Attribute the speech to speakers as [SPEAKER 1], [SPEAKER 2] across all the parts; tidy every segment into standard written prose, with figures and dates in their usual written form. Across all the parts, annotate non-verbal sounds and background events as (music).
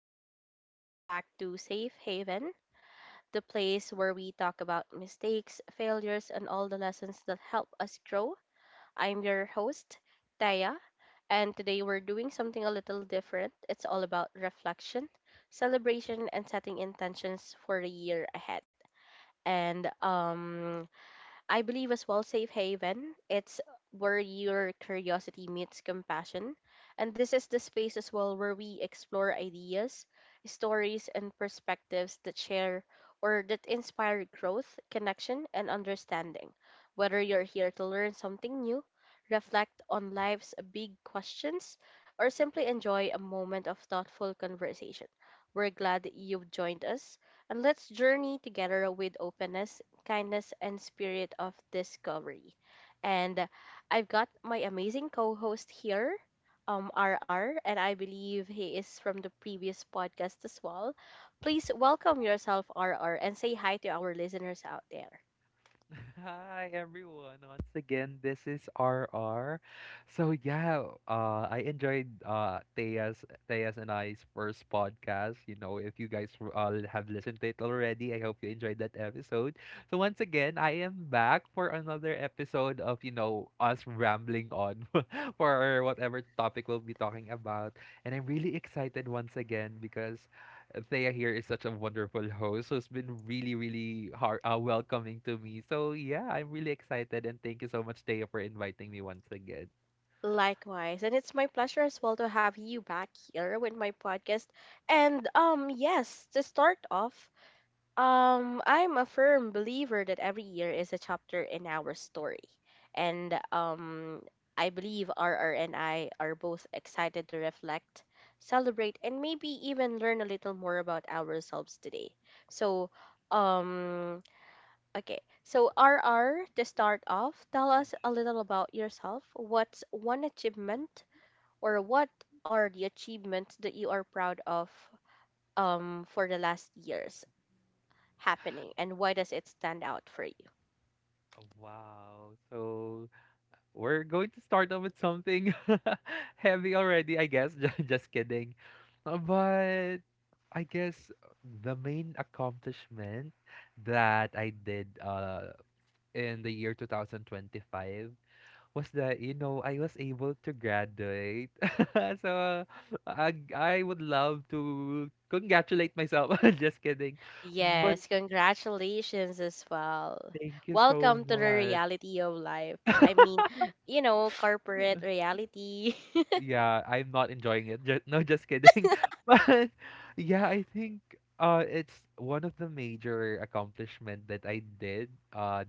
[SPEAKER 1] everyone, welcome back to Safe Haven, the place where we talk about mistakes, failures, and all the lessons that help us grow. I'm your host, Taya, and today we're doing something a little different. It's all about reflection, celebration, and setting intentions for the year ahead. And I believe as well Safe Haven. It's where your curiosity meets compassion. And this is the space as well where we explore ideas, stories, and perspectives that share or that inspire growth, connection, and understanding. Whether you're here to learn something new, reflect on life's big questions, or simply enjoy a moment of thoughtful conversation, we're glad that you've joined us and let's journey together with openness kindness, and spirit of discovery. And I've got my amazing co host here, RR, and I believe he is from the previous podcast as well. Please welcome yourself, RR, and say hi to our listeners out there.
[SPEAKER 2] (laughs) Hi everyone. Once again, this is RR. So yeah, I enjoyed Thea's and I's first podcast. You know, if you guys have listened to it already, I hope you enjoyed that episode. So once again, I am back for another episode of, you know, us rambling on (laughs) for whatever topic we'll be talking about. And I'm really excited once again because Thea here is such a wonderful host who's been really, really welcoming to me. So yeah, I'm really excited and thank you so much, Thea, for inviting me once again.
[SPEAKER 1] Likewise, and it's my pleasure as well to have you back here with my podcast. To start off, I'm a firm believer that every year is a chapter in our story. And I believe RR and I are both excited to reflect, celebrate, and maybe even learn a little more about ourselves today. So, um, okay. So, RR, to start off, tell us a little about yourself. What's one achievement, or what are the achievements that you are proud of for the last years? Happening and why does it stand out for you?
[SPEAKER 2] Oh, wow. So we're going to start off with something (laughs) heavy already, I guess. (laughs) Just kidding. But I guess the main accomplishment that I did in the year 2025 was that you know I was able to graduate. (laughs) So I would love to congratulate myself. (laughs) Just kidding. But
[SPEAKER 1] Yes, congratulations as well.
[SPEAKER 2] thank you so
[SPEAKER 1] Welcome to the
[SPEAKER 2] much.
[SPEAKER 1] reality of life. I mean, (gasps) you know, corporate
[SPEAKER 2] (laughs)
[SPEAKER 1] reality.
[SPEAKER 2] Yeah, I'm not enjoying it. No, just kidding. (laughs) But yeah, I think it's one of the major accomplishment that I did uh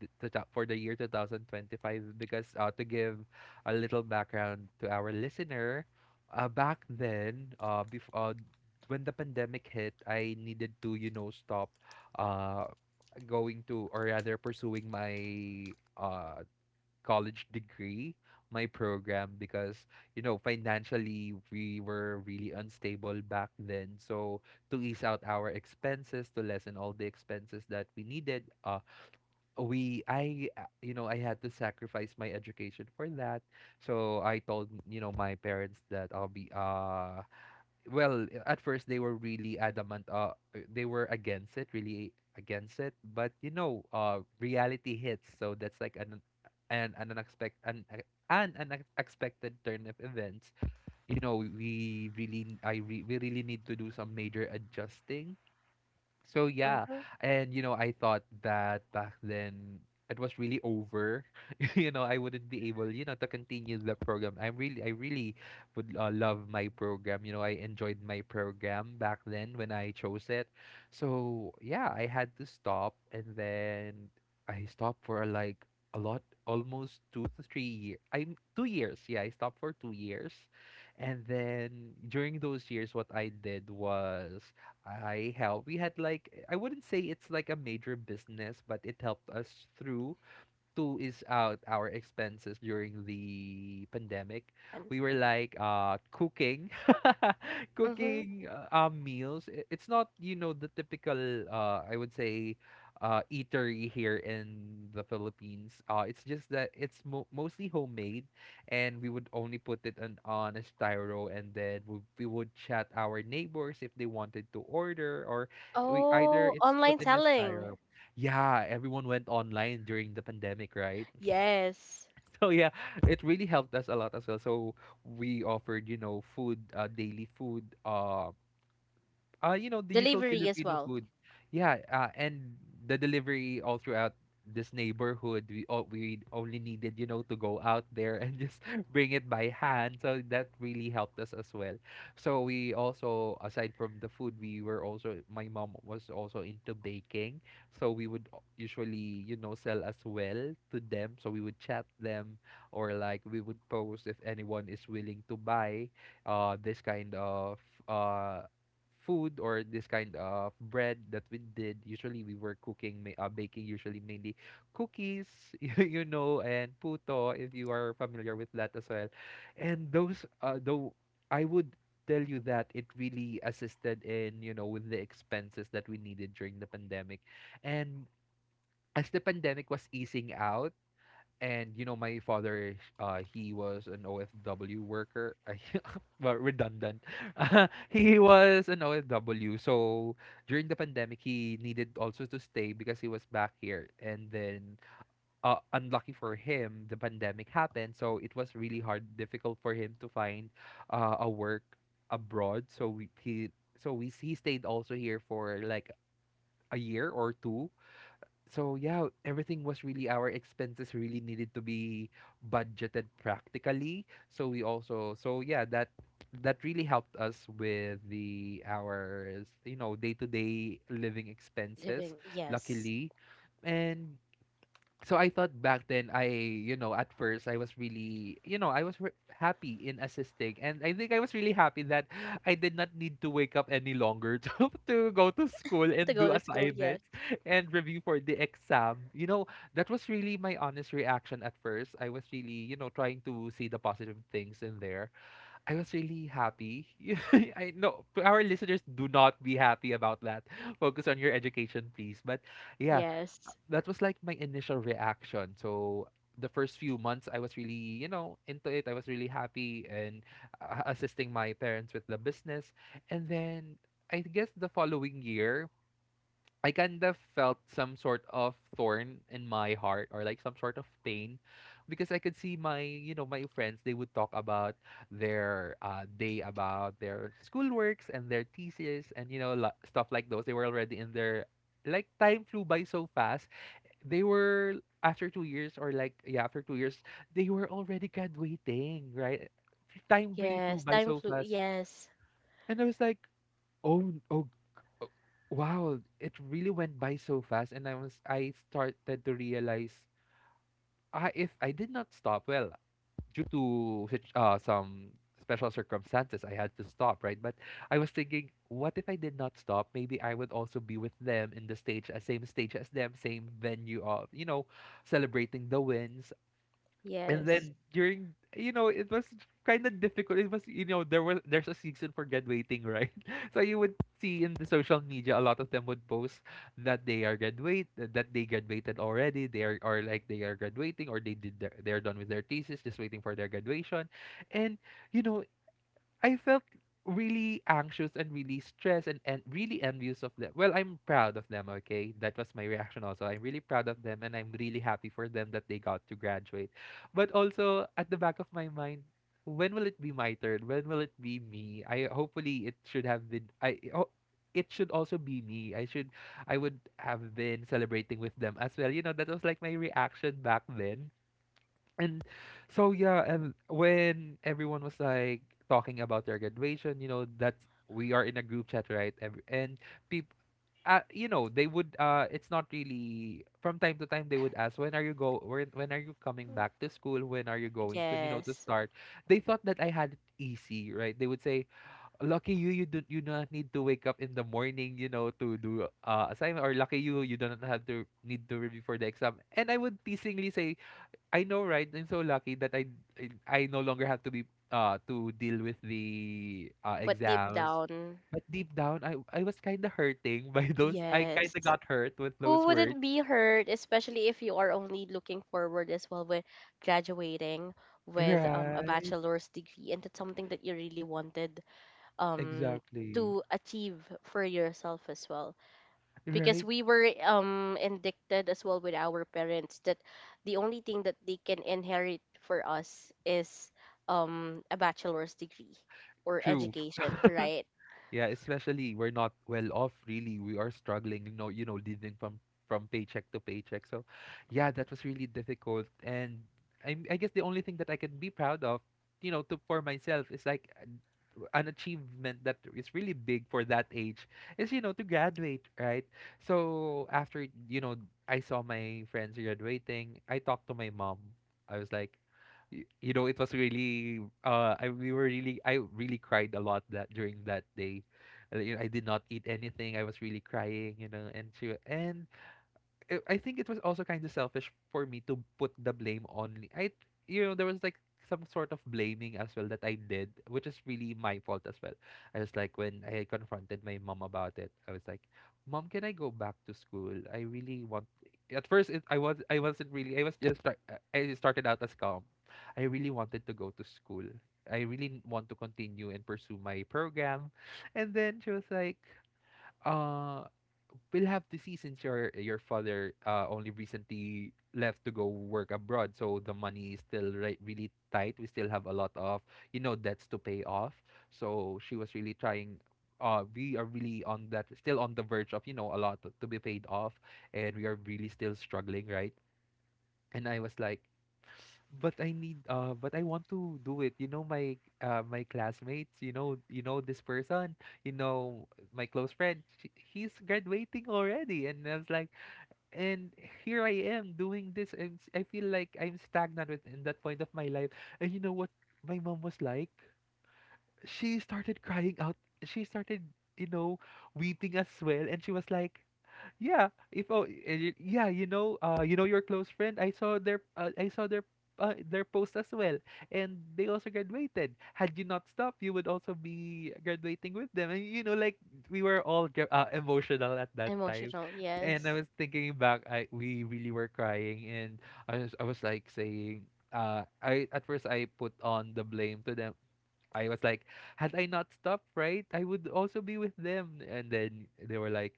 [SPEAKER 2] for the year 2025 because to give a little background to our listener, back then, when the pandemic hit, I needed to, you know, stop uh, going to or rather pursuing my college degree, my program because, you know, financially we were really unstable back then. So to ease out our expenses, to lessen all the expenses that we needed, we I you know I had to sacrifice my education for that. So I told you know my parents that I'll be well at first they were really adamant they were against it, really against it, but you know reality hits, so that's like an, an unexpected an, uh, an unexpected turn of events. You know we really need to do some major adjusting, so
[SPEAKER 1] (laughs)
[SPEAKER 2] yeah,
[SPEAKER 1] Mhm.
[SPEAKER 2] and you know, I thought that back then it was really over. (laughs) You know, I wouldn't be able, you know, to continue the program. I really would love my program. You know, I enjoyed my program back then when I chose it. So yeah, I had to stop, and then I stopped for like a lot, almost 2 to 3 years. I'm 2 years. Yeah, I stopped for 2 years, and then during those years, what I did was. I help. We had like I wouldn't say it's like a major business, but it helped us through to ease out our expenses during the pandemic.
[SPEAKER 1] and-
[SPEAKER 2] We were like cooking, (laughs)
[SPEAKER 1] Mhm.
[SPEAKER 2] cooking meals. It's not you know the typical I would say eatery here in the Philippines. It's just that it's mostly homemade, and we would only put it on a styro, and then we would chat our neighbors if they wanted to order, or we either
[SPEAKER 1] Oh,
[SPEAKER 2] it's put
[SPEAKER 1] online
[SPEAKER 2] in a
[SPEAKER 1] selling.
[SPEAKER 2] styro. Yeah, everyone went online during the pandemic, right? (laughs)
[SPEAKER 1] Yes.
[SPEAKER 2] So yeah, it really helped us a lot as well. So we offered, you know, food, daily food, you know, the usual
[SPEAKER 1] Delivery as
[SPEAKER 2] Filipino
[SPEAKER 1] well.
[SPEAKER 2] food. Yeah, and the delivery all throughout this neighborhood, we only needed, you know, to go out there and just (laughs) bring it by hand. So that really helped us as well. So we also, aside from the food, we were also, my mom was also into baking. So we would usually, you know, sell as well to them. So we would chat them, or like we would post if anyone is willing to buy this kind of uh food or this kind of bread that we did. Usually we were baking, usually mainly cookies (laughs) you know, and puto if you are familiar with that as well. And those though I would tell you that it really assisted in you know with the expenses that we needed during the pandemic. And as the pandemic was easing out, and you know my father, he was an OFW worker, (laughs) well, redundant, (laughs) he was an OFW. So during the pandemic he needed also to stay because he was back here, and then unlucky for him the pandemic happened, so it was really hard difficult for him to find a work abroad, so we he stayed also here for like a year or two. So yeah, everything was really, our expenses really needed to be budgeted practically. So we also, so yeah, that really helped us with the our you know day-to-day living expenses,
[SPEAKER 1] Living. Yes.
[SPEAKER 2] luckily. And so I thought back then, I you know at first I was really, you know, I was happy in assisting, and I think I was really happy that I did not need to wake up any longer (laughs) to go to school
[SPEAKER 1] To
[SPEAKER 2] and
[SPEAKER 1] go
[SPEAKER 2] do
[SPEAKER 1] to school. Yes.
[SPEAKER 2] assignments and review for the exam, you know. That was really my honest reaction. At first I was really, you know, trying to see the positive things in there. I was really happy. (laughs) I know our listeners, do not be happy about that, focus on your education please, but yeah,
[SPEAKER 1] Yes.
[SPEAKER 2] that was like my initial reaction. So the first few months I was really, you know, into it. I was really happy and assisting my parents with the business. And then I guess the following year, I kind of felt some sort of thorn in my heart or like some sort of pain, because I could see my, you know, my friends, they would talk about their day, about their schoolworks and their thesis and, you know, stuff like those. They were already in their, like time flew by so fast, they were after 2 years, or like yeah after 2 years they were already graduating, right? Time really flew
[SPEAKER 1] Yes.
[SPEAKER 2] by
[SPEAKER 1] Time
[SPEAKER 2] so
[SPEAKER 1] flew.
[SPEAKER 2] fast,
[SPEAKER 1] Yes.
[SPEAKER 2] and I was like oh, oh, oh, wow, it really went by so fast. And I was, I started to realize, ah, if I did not stop, well due to such some special circumstances, I had to stop, right? But I was thinking, what if I did not stop? Maybe I would also be with them in the stage, same stage as them, same venue of, you know, celebrating the wins. And
[SPEAKER 1] Yes.
[SPEAKER 2] then during you know it was kind of difficult, it was you know there's a season for graduating, right? (laughs) So you would see in the social media a lot of them would post that they graduated already, they are, or like they are graduating, or they're done with their thesis, just waiting for their graduation. And you know I felt really anxious and really stressed and really envious of them. Well, I'm proud of them, okay? That was my reaction also. I'm really proud of them and I'm really happy for them that they got to graduate. But also at the back of my mind, when will it be my turn? When will it be me? I hopefully it should have been I ho- it should also be me. I would have been celebrating with them as well. You know, that was like my reaction back then. And so yeah, and when everyone was like talking about their graduation, you know, that's we are in a group chat, right? And people, you know, they would. It's not really from time to time they would ask, when are you coming back to school? When are you going to you know to
[SPEAKER 1] Yes.
[SPEAKER 2] start? They thought that I had it easy, right? They would say, lucky you, you do not need to wake up in the morning, you know, to do assignment, or lucky you, you do not have to need to review for the exam. And I would teasingly say, I know, right? I'm so lucky that I no longer have to be to deal with the
[SPEAKER 1] But deep
[SPEAKER 2] exams.
[SPEAKER 1] down,
[SPEAKER 2] But deep down, I was kind of hurting (laughs) by those. I kind
[SPEAKER 1] yes.
[SPEAKER 2] of got hurt with those
[SPEAKER 1] Who
[SPEAKER 2] words.
[SPEAKER 1] wouldn't be hurt, especially if you are only looking forward as well with graduating with a
[SPEAKER 2] Right.
[SPEAKER 1] bachelor's degree, and that's something that you really wanted um,
[SPEAKER 2] Exactly.
[SPEAKER 1] to achieve for yourself as well. Because
[SPEAKER 2] Right.
[SPEAKER 1] we were indicted as well with our parents that the only thing that they can inherit for us is a bachelor's degree or
[SPEAKER 2] True.
[SPEAKER 1] education, right?
[SPEAKER 2] Yeah, especially we're not well off really. We are struggling, you know, living from paycheck to paycheck. So, yeah, that was really difficult, and I guess the only thing that I can be proud of, you know, to for myself is like an achievement that is really big for that age is you know to graduate, right? So after you know I saw my friends graduating, I talked to my mom. I was like, you know, it was really I really cried a lot that during that day. I did not eat anything. I was really crying, and I think it was also kind of selfish for me to put the blame only. I you know There was like some sort of blaming as well that I did, which is really my fault as well. I was like When I confronted my mom about it, I was like, "Mom, can I go back to school? I really want." At first, it, I was I wasn't really I started out as calm. I really wanted to go to school. I really want to continue and pursue my program, and then she was like, uh we'll have to see since your father only recently left to go work abroad, so the money is still really tight. We still have a lot of, you know, debts to pay off. So she was really trying. We are really on that, still on the verge of, you know, a lot to be paid off, and we are really still struggling, right? And I was like, but I want to do it. You know my my classmates, you know, you know this person, you know, my close friend, he's graduating already. And I was like, and here I am doing this, and I feel like I'm stagnant with in that point of my life. And you know what my mom was like? She started crying out. She started, you know, weeping as well. And she was like, yeah, if oh eh, y- yeah, you know, you know your close friend, I saw their post as well, and they also graduated. Had you not stopped, you would also be graduating with them. And you know like we were all emotional at that time.
[SPEAKER 1] Emotional,
[SPEAKER 2] And I
[SPEAKER 1] yes.
[SPEAKER 2] was thinking back. I we really were crying, and I was like saying, I at first I put on the blame to them. I was like, had I not stopped, right, I would also be with them. And then they were like,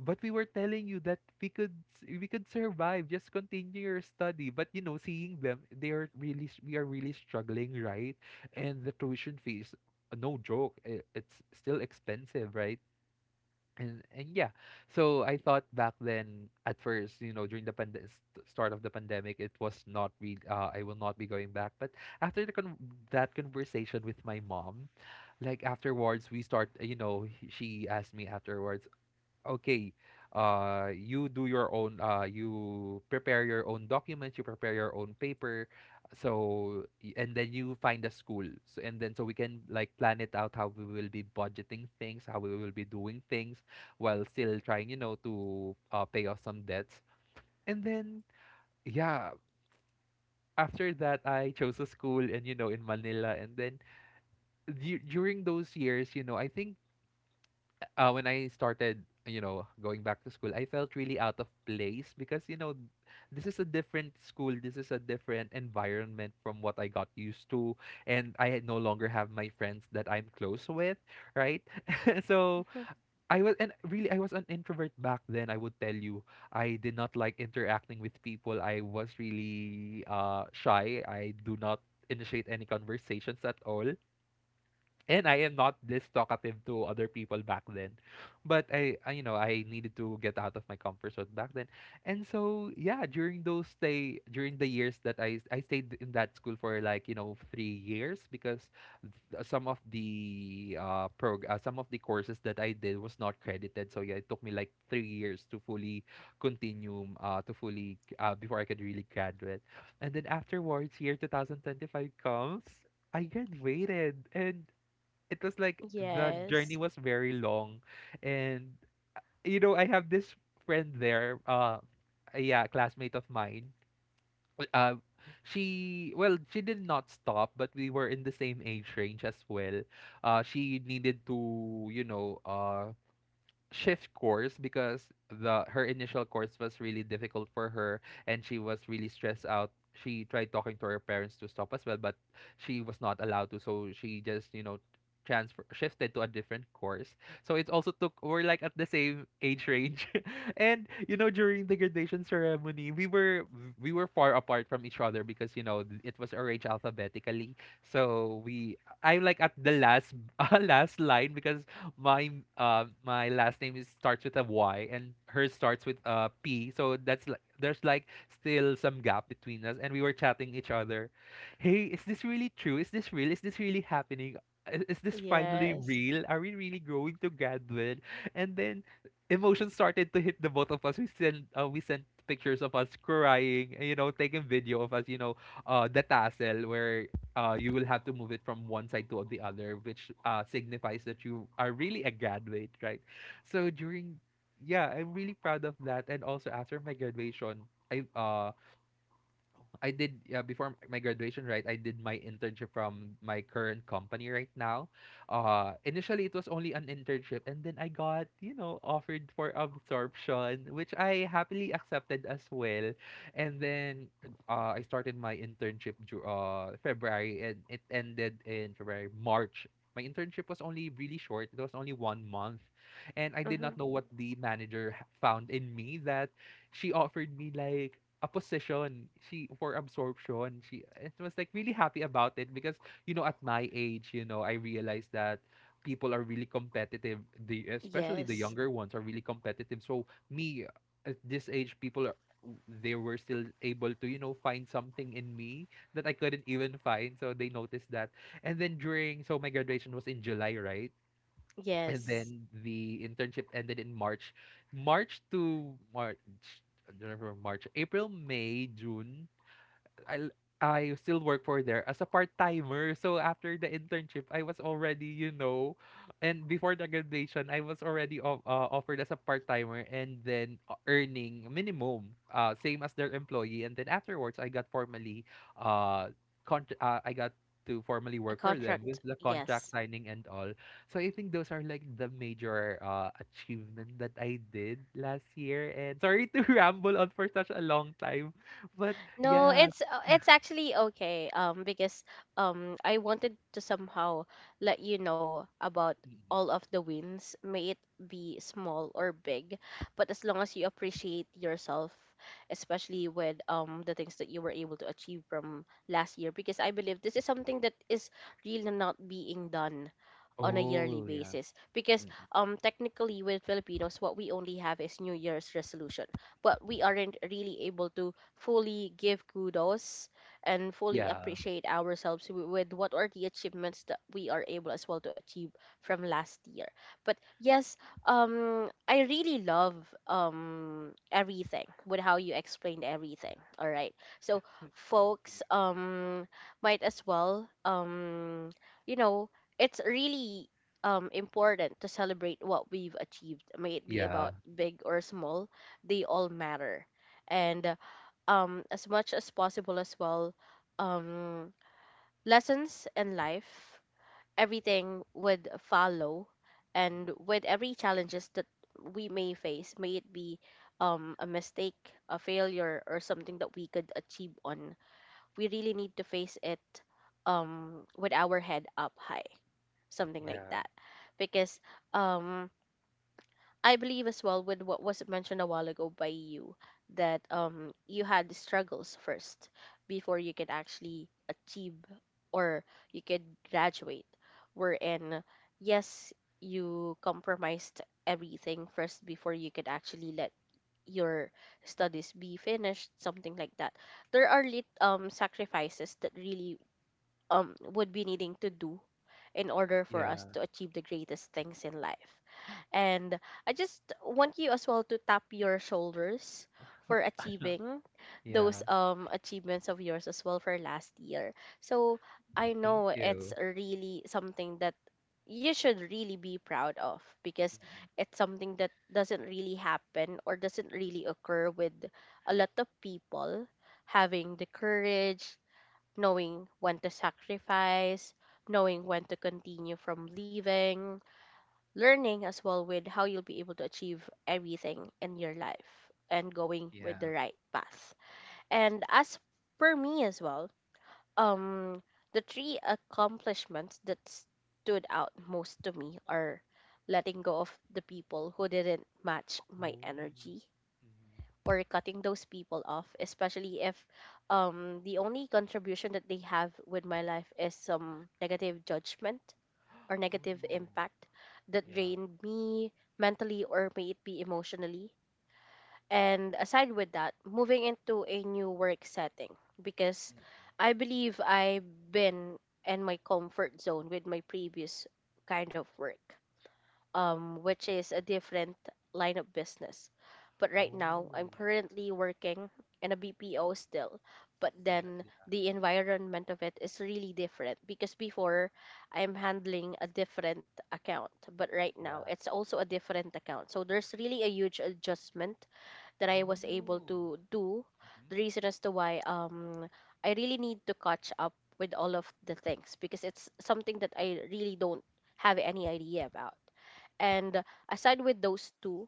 [SPEAKER 2] but we were telling you that we could survive. Just continue your study. But you know, seeing them, they are we are really struggling, right? And the tuition fees, no joke, it's still expensive, right? And yeah, so I thought back then at first, you know, during the start of the pandemic, it was not really, I will not be going back. But after the con that conversation with my mom, like afterwards, we start, you know, he- she asked me afterwards, okay, you do your own, you prepare your own documents, you prepare your own paper. And then you find a school, so and then so we can like plan it out how we will be budgeting things, how we will be doing things, while still trying, you know, to pay off some debts. And then, yeah, after that, I chose a school, and you know, in Manila. And then during those years, you know, I think, when I started, you know, going back to school, I felt really out of place because, you know, this is a different school, this is a different environment from what I got used to, and I had no longer have my friends that I'm close with, right? (laughs) So
[SPEAKER 1] Mhm.
[SPEAKER 2] I was, and really, I was an introvert back then. I would tell you, I did not like interacting with people. I was really shy. I do not initiate any conversations at all, and I am not this talkative to other people back then. But I needed to get out of my comfort zone back then. And so yeah, during those stay during the years that I stayed in that school for, like, you know, 3 years, because some of the some of the courses that I did was not credited. So yeah, it took me like 3 years to fully continue to fully before I could really graduate. And then afterwards, year 2025 comes, I graduated, and it was like the
[SPEAKER 1] Yes.
[SPEAKER 2] journey was very long. And you know, I have this friend there, yeah, classmate of mine, w- uh she, well, she did not stop, but we were in the same age range as well. She needed to, you know, shift course because the her initial course was really difficult for her, and she was really stressed out. She tried talking to her parents to stop as well, but she was not allowed to, so she just, you know, transfer shifted to a different course. So it also took, we're like at the same age range. (laughs) And you know, during the graduation ceremony, we were far apart from each other because, you know, it was arranged alphabetically. So we I'm like at the last (laughs) last line because my my last name is starts with a Y, and hers starts with a P. So that's like there's like still some gap between us, and we were chatting each other. Hey, is this really true? Is this real? Is this really happening? Is this finally
[SPEAKER 1] Yes.
[SPEAKER 2] real? Are we really growing together? And then emotions started to hit the both of us. We sent, we sent pictures of us crying, you know, taking video of us, you know, the tassel where, you will have to move it from one side to the other, which, signifies that you are really a graduate, right? So during, yeah, I'm really proud of that. And also after my graduation, I uh I did yeah, before my graduation, right? I did my internship from my current company right now. Initially it was only an internship, and then I got, you know, offered for absorption, which I happily accepted as well. And then, I started my internship February, and it ended in February March. My internship was only really short. It was only 1 month. And I did not know what the manager found in me that she offered me like a position she for absorption, she and was like really happy about it because, you know, at my age, you know, I realized that people are really competitive, the especially the
[SPEAKER 1] Yes.
[SPEAKER 2] younger ones are really competitive. So me, at this age, people are, they were still able to, you know, find something in me that I couldn't even find, so they noticed that. And then during, so my graduation was in July, right? And
[SPEAKER 1] Yes.
[SPEAKER 2] then the internship ended in March. March to March, I don't remember, March, April, May, June. I I still work for there as a part timer. So after the internship, I was already, you know, and before the graduation, I was already offered as a part timer, and then earning minimum, same as their employee. And then afterwards, I got formally, uh, I got to formally
[SPEAKER 1] A
[SPEAKER 2] work for them
[SPEAKER 1] contract.
[SPEAKER 2] with the contract
[SPEAKER 1] Yes.
[SPEAKER 2] signing and all. So I think those are like the major achievement that I did last year. And sorry to (laughs) ramble on for such a long time, but
[SPEAKER 1] No,
[SPEAKER 2] yeah,
[SPEAKER 1] it's actually okay. Because I wanted to somehow let you know about
[SPEAKER 2] Mhm.
[SPEAKER 1] all of the wins, may it be small or big, but as long as you appreciate yourself, especially with the things that you were able to achieve from last year, because I believe this is something that is really not being done on a yearly
[SPEAKER 2] Oh, yeah.
[SPEAKER 1] basis because
[SPEAKER 2] Mm.
[SPEAKER 1] technically with Filipinos what we only have is New Year's resolution but we aren't really able to fully give kudos and fully
[SPEAKER 2] Yeah.
[SPEAKER 1] appreciate ourselves with what are the achievements that we are able as well to achieve from last year. But yes, I really love everything with how you explained everything. All right, so
[SPEAKER 2] Thank you.
[SPEAKER 1] folks, might as well you know, it's really important to celebrate what we've achieved may it be
[SPEAKER 2] Yeah.
[SPEAKER 1] about big or small, they all matter, and as much as possible as well, um, lessons in life, everything would follow, and
[SPEAKER 2] Mm.
[SPEAKER 1] with every challenges that we may face, may it be a mistake, a failure, or something that we could achieve on, we really need to face it with our head up high, something like
[SPEAKER 2] Yeah.
[SPEAKER 1] that, because um, I believe as well with what was mentioned a while ago by you that you had the struggles first before you could actually achieve or you could graduate. Wherein yes, you compromised everything first before you could actually let your studies be finished, something like that. There are lit sacrifices that really would be needing to do in order for us
[SPEAKER 2] Yeah.
[SPEAKER 1] to achieve the greatest things in life. And I just want you as well to tap your shoulders for achieving those
[SPEAKER 2] Yeah.
[SPEAKER 1] achievements of yours as well for last year. So I
[SPEAKER 2] Thank
[SPEAKER 1] know it's
[SPEAKER 2] you.
[SPEAKER 1] really something that you should really be proud of because
[SPEAKER 2] Mhm.
[SPEAKER 1] it's something that doesn't really happen or doesn't really occur with a lot of people having the courage, knowing when to sacrifice, knowing when to continue from leaving, learning as well with how you'll be able to achieve everything in your life and going with the
[SPEAKER 2] Yeah.
[SPEAKER 1] right path. And as for me as well, um, the three accomplishments that stood out most to me are letting go of the people who didn't match my
[SPEAKER 2] Oh.
[SPEAKER 1] energy
[SPEAKER 2] Mhm.
[SPEAKER 1] or cutting those people off, especially if the only contribution that they have with my life is some negative judgment or
[SPEAKER 2] (gasps) Oh,
[SPEAKER 1] negative
[SPEAKER 2] no.
[SPEAKER 1] impact that
[SPEAKER 2] Yeah.
[SPEAKER 1] drained me mentally or may it be emotionally. And aside with that, moving into a new work setting because
[SPEAKER 2] Mhm.
[SPEAKER 1] I believe I've been in my comfort zone with my previous kind of work, which
[SPEAKER 2] Mhm.
[SPEAKER 1] is a different line of business. But right now,
[SPEAKER 2] Oh.
[SPEAKER 1] I'm currently working in a BPO still. But
[SPEAKER 2] Oh. Uh,
[SPEAKER 1] then
[SPEAKER 2] Yeah.
[SPEAKER 1] the environment of it is really different because before I'm handling a different account, but right now
[SPEAKER 2] Yeah.
[SPEAKER 1] it's also a different account. So there's really a huge adjustment that I was able
[SPEAKER 2] Oh.
[SPEAKER 1] to do.
[SPEAKER 2] Mhm.
[SPEAKER 1] The reason as to why I really need to catch up with all of the things because it's something that I really don't have any idea about. And aside with those two,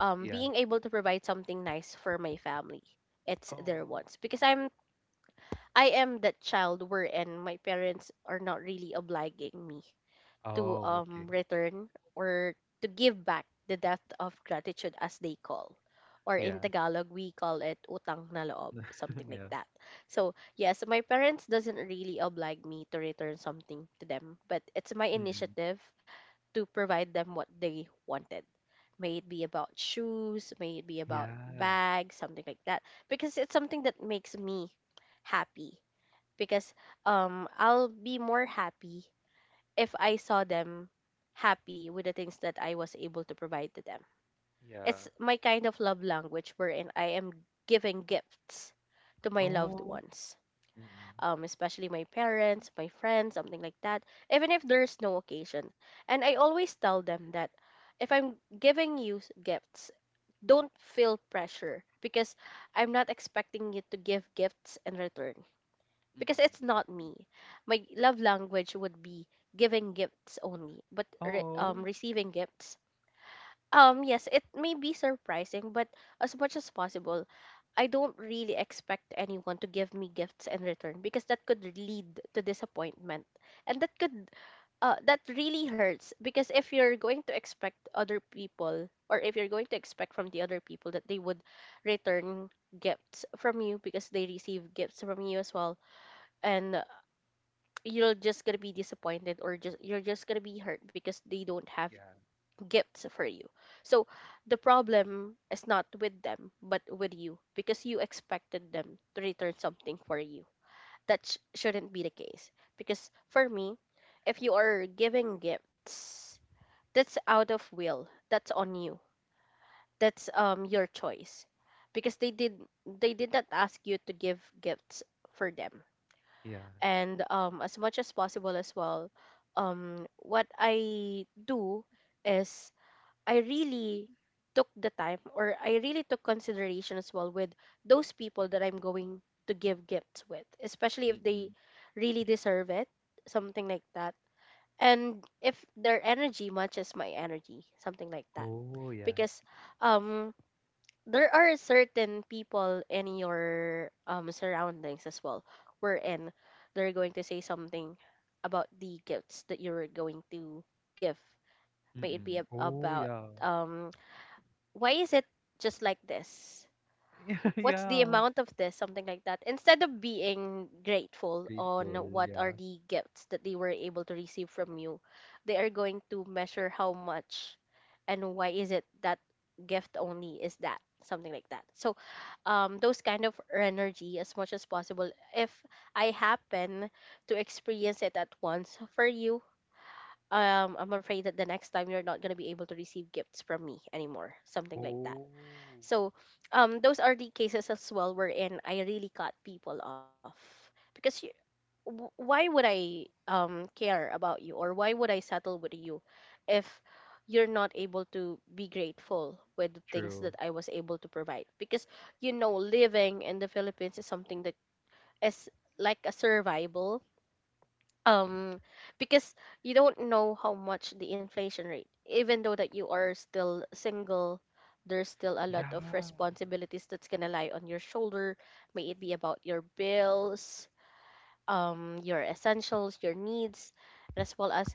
[SPEAKER 2] Yeah.
[SPEAKER 1] being able to provide something nice for my family, it's their
[SPEAKER 2] Oh.
[SPEAKER 1] wants. Because
[SPEAKER 2] Mhm.
[SPEAKER 1] I am that child wherein my parents are not really obliging me to
[SPEAKER 2] Oh, okay.
[SPEAKER 1] return or to give back the debt of gratitude as they call. Or in
[SPEAKER 2] Yeah.
[SPEAKER 1] Tagalog we call it utang na loob,
[SPEAKER 2] (laughs)
[SPEAKER 1] something
[SPEAKER 2] Yeah.
[SPEAKER 1] like that. So yes, my parents doesn't really oblige me to return something to them, but it's my
[SPEAKER 2] Mhm.
[SPEAKER 1] initiative to provide them what they wanted, may it be about shoes, may it be about
[SPEAKER 2] Yeah.
[SPEAKER 1] bags, something like that, because it's something that makes me happy. Because I'll be more happy if I saw them happy with the things that I was able to provide to them. It's
[SPEAKER 2] Yeah.
[SPEAKER 1] my kind of love language wherein I am giving gifts to my loved
[SPEAKER 2] Oh.
[SPEAKER 1] ones,
[SPEAKER 2] Mm.
[SPEAKER 1] especially my parents, my friends, something like that, even if there's no occasion. And I always tell them that if I'm giving you gifts, don't feel pressure because I'm not expecting you to give gifts in return because
[SPEAKER 2] Mhm.
[SPEAKER 1] it's not me. My love language would be giving gifts only, but
[SPEAKER 2] Oh.
[SPEAKER 1] receiving gifts. Yes, it may be surprising, but as much as possible, I don't really expect anyone to give me gifts in return because that could lead to disappointment, and that could, that really hurts because if you're going to expect other people, or if you're going to expect from the other people that they would return gifts from you because they receive gifts from you as well, and you're just gonna be disappointed, or just you're just gonna be hurt because they don't have
[SPEAKER 2] Yeah.
[SPEAKER 1] gifts for you. So the problem is not with them but with you because you expected them to return something for you. That shouldn't be the case because for me, if you are giving gifts, that's out of will, that's on you, that's your choice because they did not ask you to give gifts for them.
[SPEAKER 2] Yeah.
[SPEAKER 1] And as much as possible as well, what I do is, I really took the time, or I really took consideration as well with those people that I'm going to give gifts with, especially if they
[SPEAKER 2] Mm.
[SPEAKER 1] really deserve it, something like that, and if their energy matches my energy, something like that.
[SPEAKER 2] Oh, yeah.
[SPEAKER 1] Because um there are certain people in your surroundings as well wherein they're going to say something about the gifts that you're going to give, may it be
[SPEAKER 2] Mm. Oh,
[SPEAKER 1] about
[SPEAKER 2] yeah. (laughs)
[SPEAKER 1] um why is it just like this,
[SPEAKER 2] Yeah,
[SPEAKER 1] what's the
[SPEAKER 2] yeah.
[SPEAKER 1] amount of this, something like that, instead of being grateful on
[SPEAKER 2] Grateful,
[SPEAKER 1] what are
[SPEAKER 2] yeah.
[SPEAKER 1] the gifts that they were able to receive from you. They are going to measure how much and why is it that gift only is that, something like that. So those kind of energy, as much as possible, if I happen to experience it at once for you, I'm afraid that the next time you're not going to be able to receive gifts from me anymore, something like that.
[SPEAKER 2] Oh,
[SPEAKER 1] So those are the cases as well wherein I really cut people off because you, why would I care about you, or why would I settle with you if you're not able to be grateful with the things that
[SPEAKER 2] true.
[SPEAKER 1] I was able to provide. Because you know living in the Philippines is something that is like a survival,
[SPEAKER 2] Mm.
[SPEAKER 1] um because you don't know how much the inflation rate, even though that you are still single, there's still a lot
[SPEAKER 2] Yeah.
[SPEAKER 1] of responsibilities that's gonna lie on your shoulder, may it be about your bills, your essentials, your needs, and as well as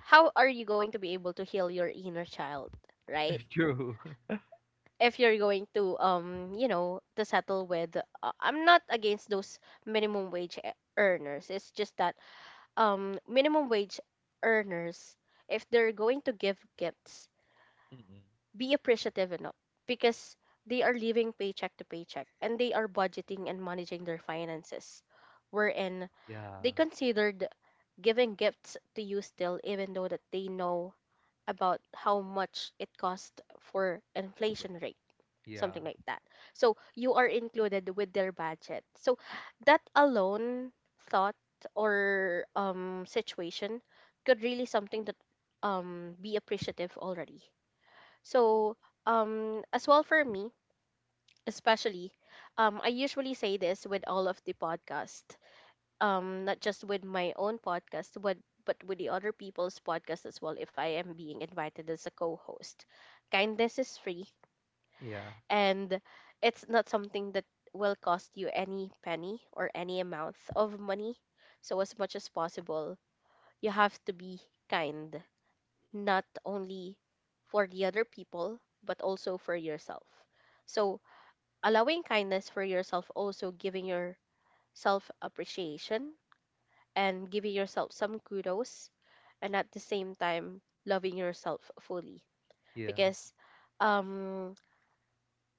[SPEAKER 1] how are you going to be able to heal your inner child, right?
[SPEAKER 2] (laughs) True. (laughs)
[SPEAKER 1] If you're going to to settle with, I'm not against those minimum wage earners. It's just that minimum wage earners, if they're going to give gifts,
[SPEAKER 2] Mm.
[SPEAKER 1] be appreciative enough because they are living paycheck to paycheck and they are budgeting and managing their finances, wherein they
[SPEAKER 2] Yeah.
[SPEAKER 1] considered giving gifts to you still even though that they know about how much it cost for
[SPEAKER 2] Right.
[SPEAKER 1] inflation rate, something
[SPEAKER 2] Yeah.
[SPEAKER 1] like that. So you are included with their budget. So that alone thought or situation could really something that be appreciative already. So as well for me, especially I usually say this with all of the podcast, not just with my own podcast, but with the other people's podcast as well if I am being invited as a co-host. Kindness is free
[SPEAKER 2] Yeah.
[SPEAKER 1] and it's not something that will cost you any penny or any amount of money. So as much as possible, you have to be kind, not only for the other people, but also for yourself. So allowing kindness for yourself, also giving yourself appreciation and giving yourself some kudos, and at the same time loving yourself fully.
[SPEAKER 2] Yeah.
[SPEAKER 1] Because um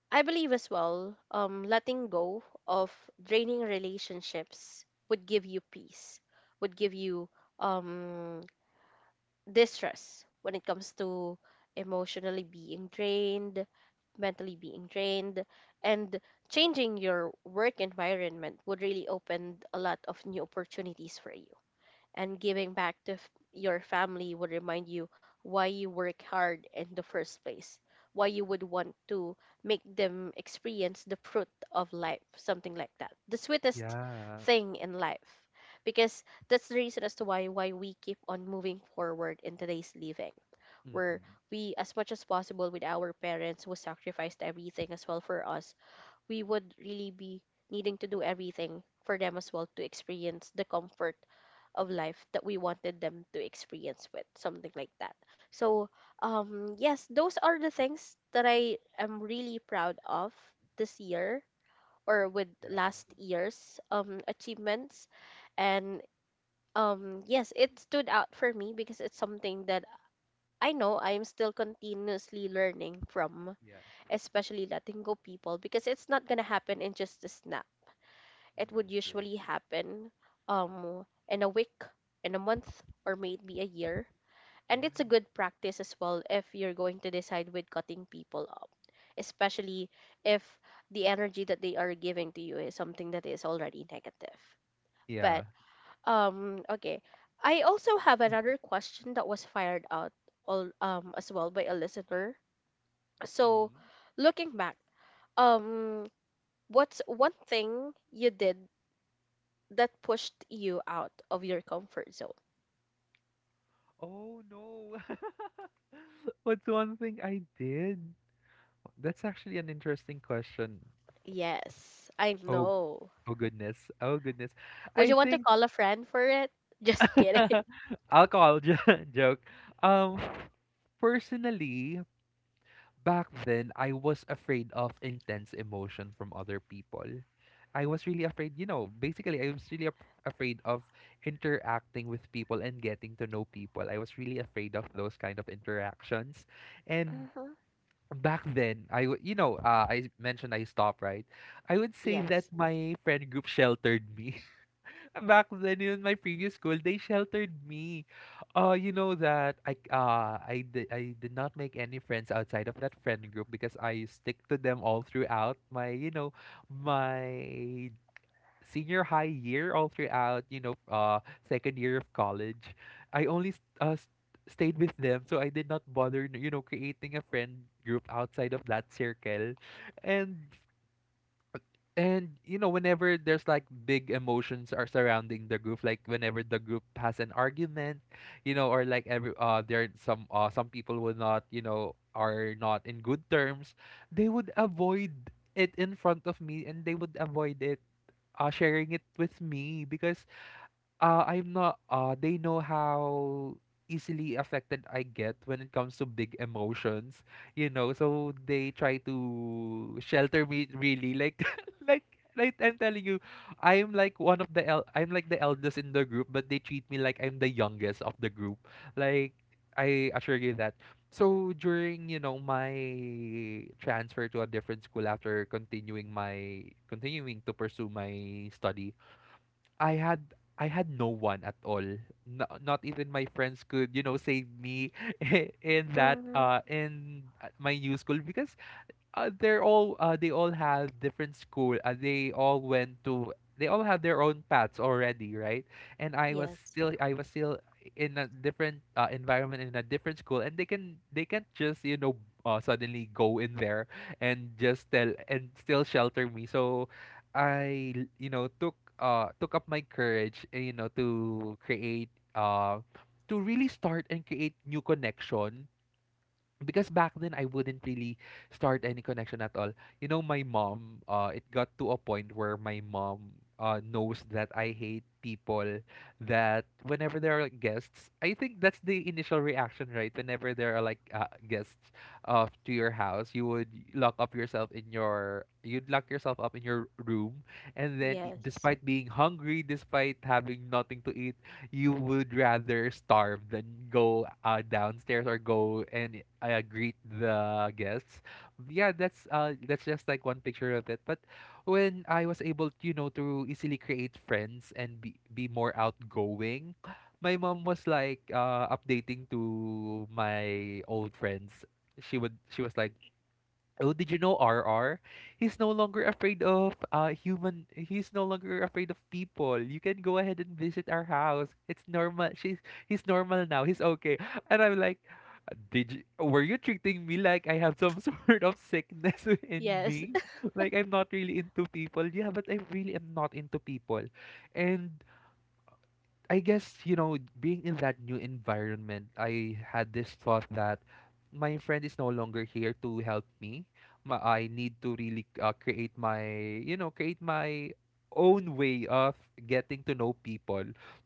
[SPEAKER 1] I believe as well, letting go of draining relationships would give you peace, would give you, um, distress when it comes to emotionally being drained, mentally being drained, and changing your work environment would really open a lot of new opportunities for you, and giving back to your family would remind you why you work hard in the first place, why you would want to make them experience the fruit of life, something like that, the sweetest
[SPEAKER 2] Yeah.
[SPEAKER 1] thing in life, because that's the reason as to why we keep on moving forward in today's living, where
[SPEAKER 2] Mm.
[SPEAKER 1] we as much as possible with our parents who sacrificed everything as well for us, we would really be needing to do everything for them as well to experience the comfort of life that we wanted them to experience with, something like that. So yes, those are the things that I am really proud of this year, or with
[SPEAKER 2] Yeah.
[SPEAKER 1] last year's achievements. And yes, it stood out for me because it's something that I know I'm still continuously learning from,
[SPEAKER 2] Yeah.
[SPEAKER 1] especially letting go people because it's not gonna happen in just a snap. It would
[SPEAKER 2] Mm. True.
[SPEAKER 1] usually happen in a week, in a month, or maybe a year. And
[SPEAKER 2] Yeah.
[SPEAKER 1] it's a good practice as well if you're going to decide with cutting people up, especially if the energy that they are giving to you is something that is already negative. But
[SPEAKER 2] Yeah.
[SPEAKER 1] okay, I also have
[SPEAKER 2] Mm.
[SPEAKER 1] another question that was fired out all, as well by a listener. So,
[SPEAKER 2] Mhm.
[SPEAKER 1] looking back, um, what's one thing you did that pushed you out of your comfort zone?
[SPEAKER 2] Oh no. (laughs) What's one thing I did? That's actually an interesting question.
[SPEAKER 1] Yes, I
[SPEAKER 2] Oh.
[SPEAKER 1] know.
[SPEAKER 2] Oh goodness. Oh goodness.
[SPEAKER 1] Would
[SPEAKER 2] I
[SPEAKER 1] you want to
[SPEAKER 2] think
[SPEAKER 1] call a friend for it? (laughs) Just kidding.
[SPEAKER 2] (laughs) alcohol jo- (laughs) joke. Um Personally, back then I was afraid of intense emotion from other people. I was really afraid, you know, basically I was really afraid of interacting with people and getting to know people. I was really afraid of those kind of interactions. And
[SPEAKER 1] Mm-hmm.
[SPEAKER 2] back then, you know, I mentioned I stopped, right? I would say that
[SPEAKER 1] Yes.
[SPEAKER 2] my friend group sheltered me. Back then in my previous school they sheltered me, you know that I did not make any friends outside of that friend group because I stick to them all throughout my, you know, my senior high year, all throughout, you know, second year of college. I only stayed with them, so I did not bother, you know, creating a friend group outside of that circle. And, you know, whenever there's like big emotions are surrounding the group, like whenever the group has an argument, you know, or like every, there some people will not, you know, are not in good terms, they would avoid it in front of me, and they would avoid it sharing it with me because, I'm not they know how easily affected I get when it comes to big emotions, you know, so they try to shelter me, really, like (laughs) like like I'm telling you. I'm like the eldest in the group, but they treat me like I'm the youngest of the group. Like, I assure you that. So during, you know, my transfer to a different school after continuing to pursue my study, I had I had no one at all. No, not even my friends could, you know, save me (laughs) in that
[SPEAKER 1] Mm-hmm.
[SPEAKER 2] in my new school, because they all have different school. They all have their own paths already, right? And
[SPEAKER 1] Yes.
[SPEAKER 2] I was still in a different, environment in a different school, and they can't just, you know, suddenly go in there and just tell and still shelter me. So you know, took up my courage, you know, to create to really start and create new connection, because back then I wouldn't really start any connection at all. You know, my mom, it got to a point where my mom, knows that I hate people, that whenever there are, like, guests, I think that's the initial reaction, right? Whenever there are, like, guests, to your house, you would lock up yourself in your, you'd lock yourself up in your room. And then,
[SPEAKER 1] Yes.
[SPEAKER 2] despite being hungry, despite having nothing to eat, you would rather starve than go, downstairs, or go and, greet the guests. Yeah, that's just like one picture of it. But when I was able, you know, to easily create friends and be more outgoing, my mom was like, updating to my old friends. She was like, "Oh, did you know R R? He's no longer afraid of, human. He's no longer afraid of people. You can go ahead and visit our house. It's normal. She's he's normal now. He's okay." And I'm like, were you treating me like I have some (laughs) sort of sickness (laughs) in
[SPEAKER 1] Yes.
[SPEAKER 2] me? Like, I'm not really into people. Yeah, but I really am not into people. And I guess, you know, being in that new environment, I had this thought that my friend is no longer here to help me. I need to really, you know, create my own way of getting to know people.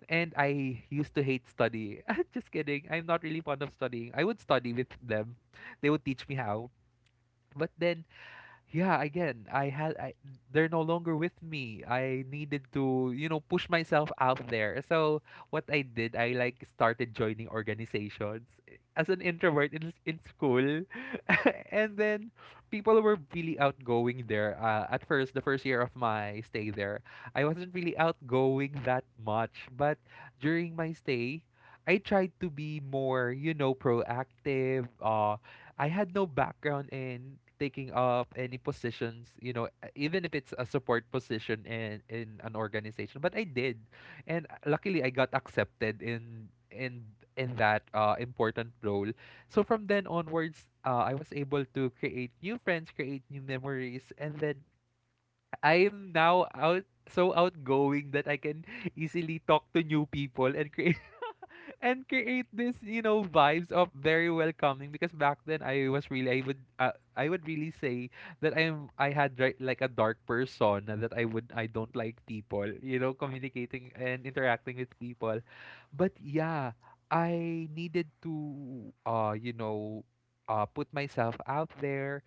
[SPEAKER 2] And I used to hate study. (laughs) Just kidding. I'm not really fond of studying. I would study with them. They would teach me how. But then, yeah, again, they're no longer with me. I needed to, you know, push myself out there. So what I did I like started joining organizations, as an introvert in school. (laughs) And then people were really outgoing there, at first, the first year of my stay there, I wasn't really outgoing that much, but during my stay I tried to be more, you know, proactive. I had no background in taking up any positions, you know, even if it's a support position in an organization. But I did, and, luckily I got accepted in that, important role. So from then onwards, I was able to create new friends, create new memories, and then I'm now out so outgoing that I can easily talk to new people and create (laughs) and create this, you know, vibes of very welcoming, because back then I would really say that I had, right, like a dark persona, that I don't like people, you know, communicating and interacting with people. But yeah, I needed to, you know, put myself out there.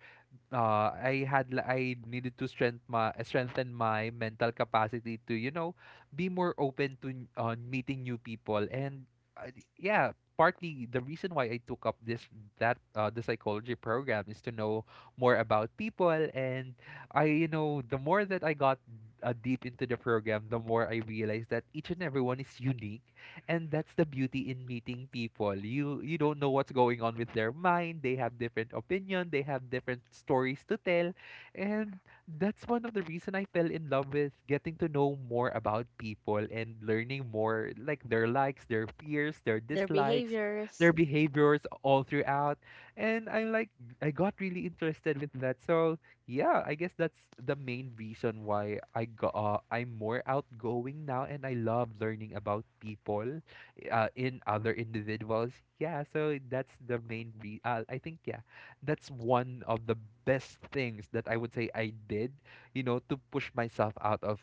[SPEAKER 2] I needed to strengthen my mental capacity to, you know, be more open to, meeting new people, and, yeah, partly the reason why I took up this that the psychology program is to know more about people. And I you know, the more that I got, deep into the program, the more I realized that each and everyone is unique, and that's the beauty in meeting people. You don't know what's going on with their mind. They have different opinion, they have different stories to tell. And that's one of the reason I fell in love with getting to know more about people and learning more, like, their likes, their fears, their
[SPEAKER 1] (laughs) Their
[SPEAKER 2] dislikes, their
[SPEAKER 1] behaviors.
[SPEAKER 2] behaviors all throughout. And I got really interested with that. So yeah, I guess that's the main reason why I'm more outgoing now, and I love learning about people, in other individuals. Yeah, so that's the main re- I think, yeah, that's one of the best things that I would say I did, you know, to push myself out of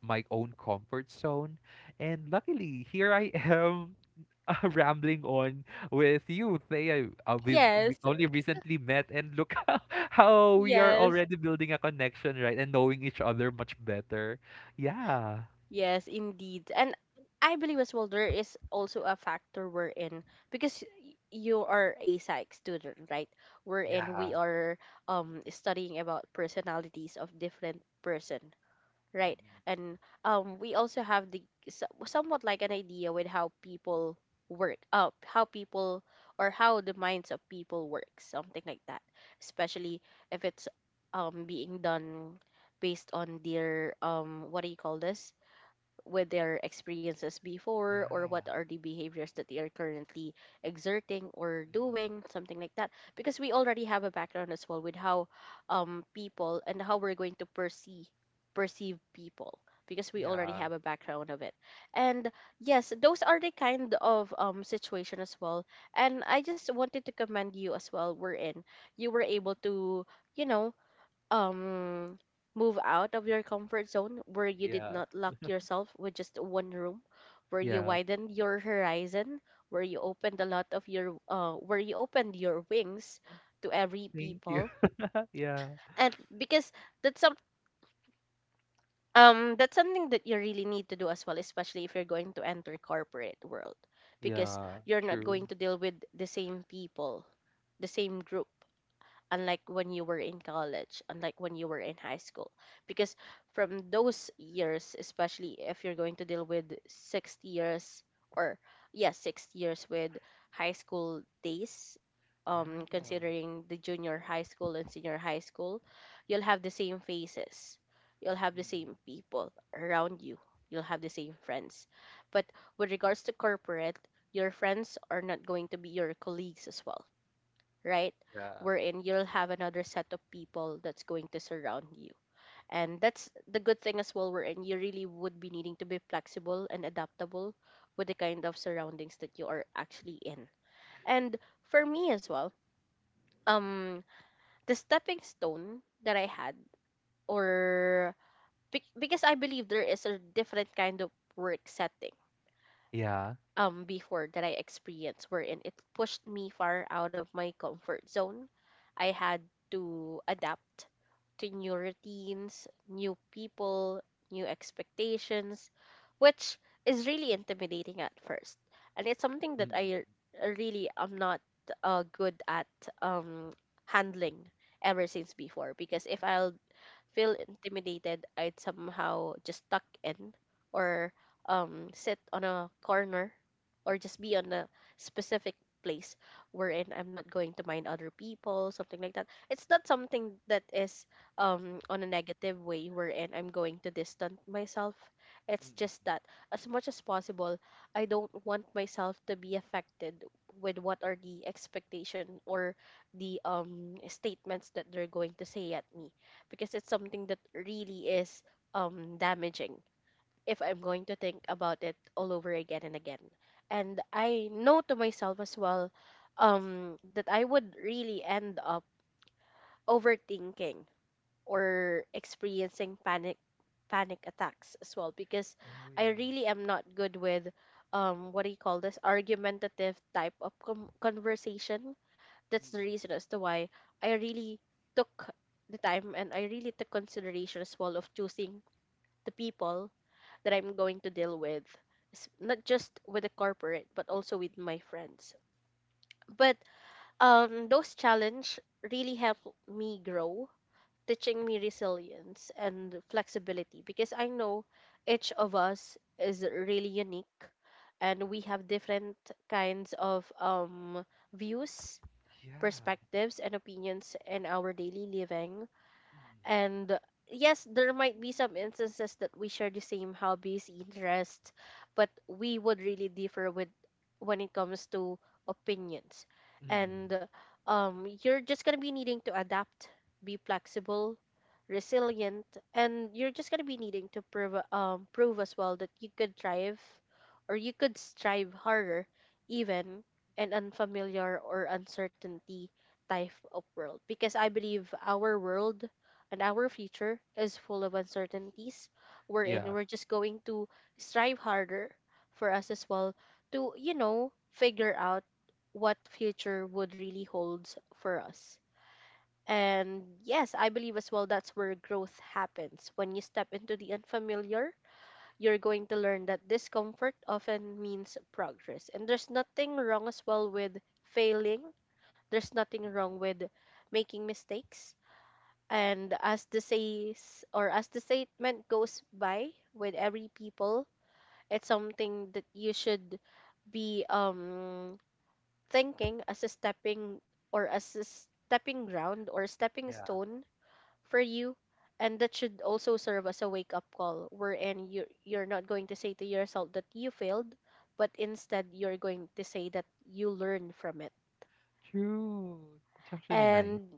[SPEAKER 2] my own comfort zone. And luckily, here I am (laughs) rambling on with you, Thea. We
[SPEAKER 1] Yes.
[SPEAKER 2] only recently met, and look (laughs) how we are
[SPEAKER 1] Yes.
[SPEAKER 2] already building a connection, right? And knowing each other much better. Yeah.
[SPEAKER 1] Yes, indeed. And I believe as well there is also a factor wherein because you are a psych student, right? Wherein
[SPEAKER 2] Yeah.
[SPEAKER 1] we are studying about personalities of different person, right?
[SPEAKER 2] Mm-mm.
[SPEAKER 1] And we also have the somewhat like an idea with how people work up, how people or how the minds of people work, something like that, especially if it's being done based on their what do you call this, with their experiences
[SPEAKER 2] Yeah.
[SPEAKER 1] before, or what are the behaviors that they are currently exerting or
[SPEAKER 2] Mm-mm.
[SPEAKER 1] doing, something like that, because we already have a background as well with how people and how we're going to perceive people, because we already
[SPEAKER 2] Yeah.
[SPEAKER 1] have a background of it. And yes, those are the kind of situation as well. And I just wanted to commend you as well, we're in you were able to, you know, um move out of your comfort zone, where you did
[SPEAKER 2] Yeah.
[SPEAKER 1] not lock yourself with just one room, where you
[SPEAKER 2] Yeah.
[SPEAKER 1] widened your horizon, where you opened a lot of your where you opened your wings to every
[SPEAKER 2] Thank you.
[SPEAKER 1] people.
[SPEAKER 2] (laughs) Yeah.
[SPEAKER 1] And because that's some, that's something that you really need to do as well, especially if you're going to enter corporate world, because
[SPEAKER 2] Yeah.
[SPEAKER 1] you're not
[SPEAKER 2] True.
[SPEAKER 1] going to deal with the same people, the same group, unlike when you were in college, unlike when you were in high school. Because from those years, especially if you're going to deal with 6 years or yeah, 6 years with high school days,
[SPEAKER 2] Yeah.
[SPEAKER 1] considering the junior high school and senior high school, you'll have the same faces. You'll have the
[SPEAKER 2] Mm-mm.
[SPEAKER 1] same people around you. You'll have the same friends. But with regards to corporate, your friends are not going to be your colleagues as well, right?
[SPEAKER 2] Yeah.
[SPEAKER 1] Wherein you'll have another set of people that's going to surround you. And that's the good thing as well, wherein you really would be needing to be flexible and adaptable with the kind of surroundings that you are actually in. And for me as well, um, the stepping stone that I had, or because I believe there is a different kind of work setting
[SPEAKER 2] Yeah.
[SPEAKER 1] before that I experienced wherein it pushed me far out of my comfort zone. I had to adapt to new routines, new people, new expectations, which is really intimidating at first. And it's something that I
[SPEAKER 2] Mm-mm.
[SPEAKER 1] really am not good at um handling ever since before, because if I'll feel intimidated, I'd somehow just tuck in or sit on a corner or just be on a specific place wherein I'm not going to mind other people, something like that. It's not something that is, on a negative way wherein I'm going to distance myself. It's just
[SPEAKER 2] Mm-mm.
[SPEAKER 1] that as much as possible, I don't want myself to be affected with what are the expectation or the statements that they're going to say at me, because it's something that really is damaging if I'm going to think about it all over again and again. And I know to myself as well that I would really end up overthinking or experiencing panic attacks as well because
[SPEAKER 2] Oh,
[SPEAKER 1] I
[SPEAKER 2] yeah.
[SPEAKER 1] really am not good with what do you call this, argumentative type of conversation. That's the
[SPEAKER 2] Mm-mm.
[SPEAKER 1] reason as to why I really took the time and I really took consideration as well of choosing the people that I'm going to deal with, not just with the corporate but also with my friends. But those challenge really helped me grow, teaching me resilience and flexibility, because I know each of us is really unique and we have different kinds of views,
[SPEAKER 2] Yeah.
[SPEAKER 1] perspectives and opinions in our daily living.
[SPEAKER 2] Mm-mm.
[SPEAKER 1] And yes, there might be some instances that we share the same hobbies, interests, but we would really differ with when it comes to opinions.
[SPEAKER 2] Mm-mm.
[SPEAKER 1] And you're just gonna be needing to adapt, be flexible, resilient, and you're just gonna be needing to prove, prove as well that you could thrive or you could strive harder even an unfamiliar or uncertainty type of world, because I believe our world and our future is full of uncertainties, we're in
[SPEAKER 2] Yeah.
[SPEAKER 1] we're just going to strive harder for us as well to, you know, figure out what future would really holds for us. And yes, I believe as well that's where growth happens. When you step into the unfamiliar, you're going to learn that discomfort often means progress. And there's nothing wrong as well with failing, there's nothing wrong
[SPEAKER 2] Mm-mm.
[SPEAKER 1] with making mistakes. And as the says or as the statement goes by with every people, it's something that you should be thinking as a stepping or as a stepping ground or stepping
[SPEAKER 2] Yeah.
[SPEAKER 1] stone for you, and that should also serve as a wake up call wherein you're not going to say to yourself that you failed, but instead you're going to say that you learn from it.
[SPEAKER 2] True. It's actually nice.
[SPEAKER 1] And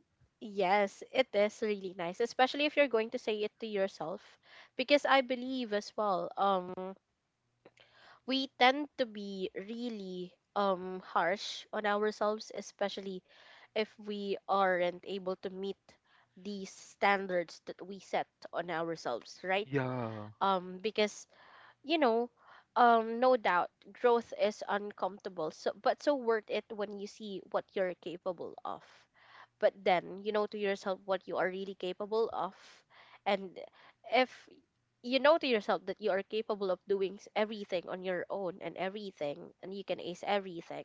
[SPEAKER 1] yes, it is really nice, especially if you're going to say it to yourself, because I believe as well, we tend to be really harsh on ourselves, especially if we aren't able to meet these standards that we set on ourselves, right?
[SPEAKER 2] Yeah.
[SPEAKER 1] Because you know No doubt, growth is uncomfortable, so but so worth it when you see what you're capable of. But then you know to yourself what you are really capable of. And if you know to yourself that you are capable of doing everything on your own and everything, and you can ace everything,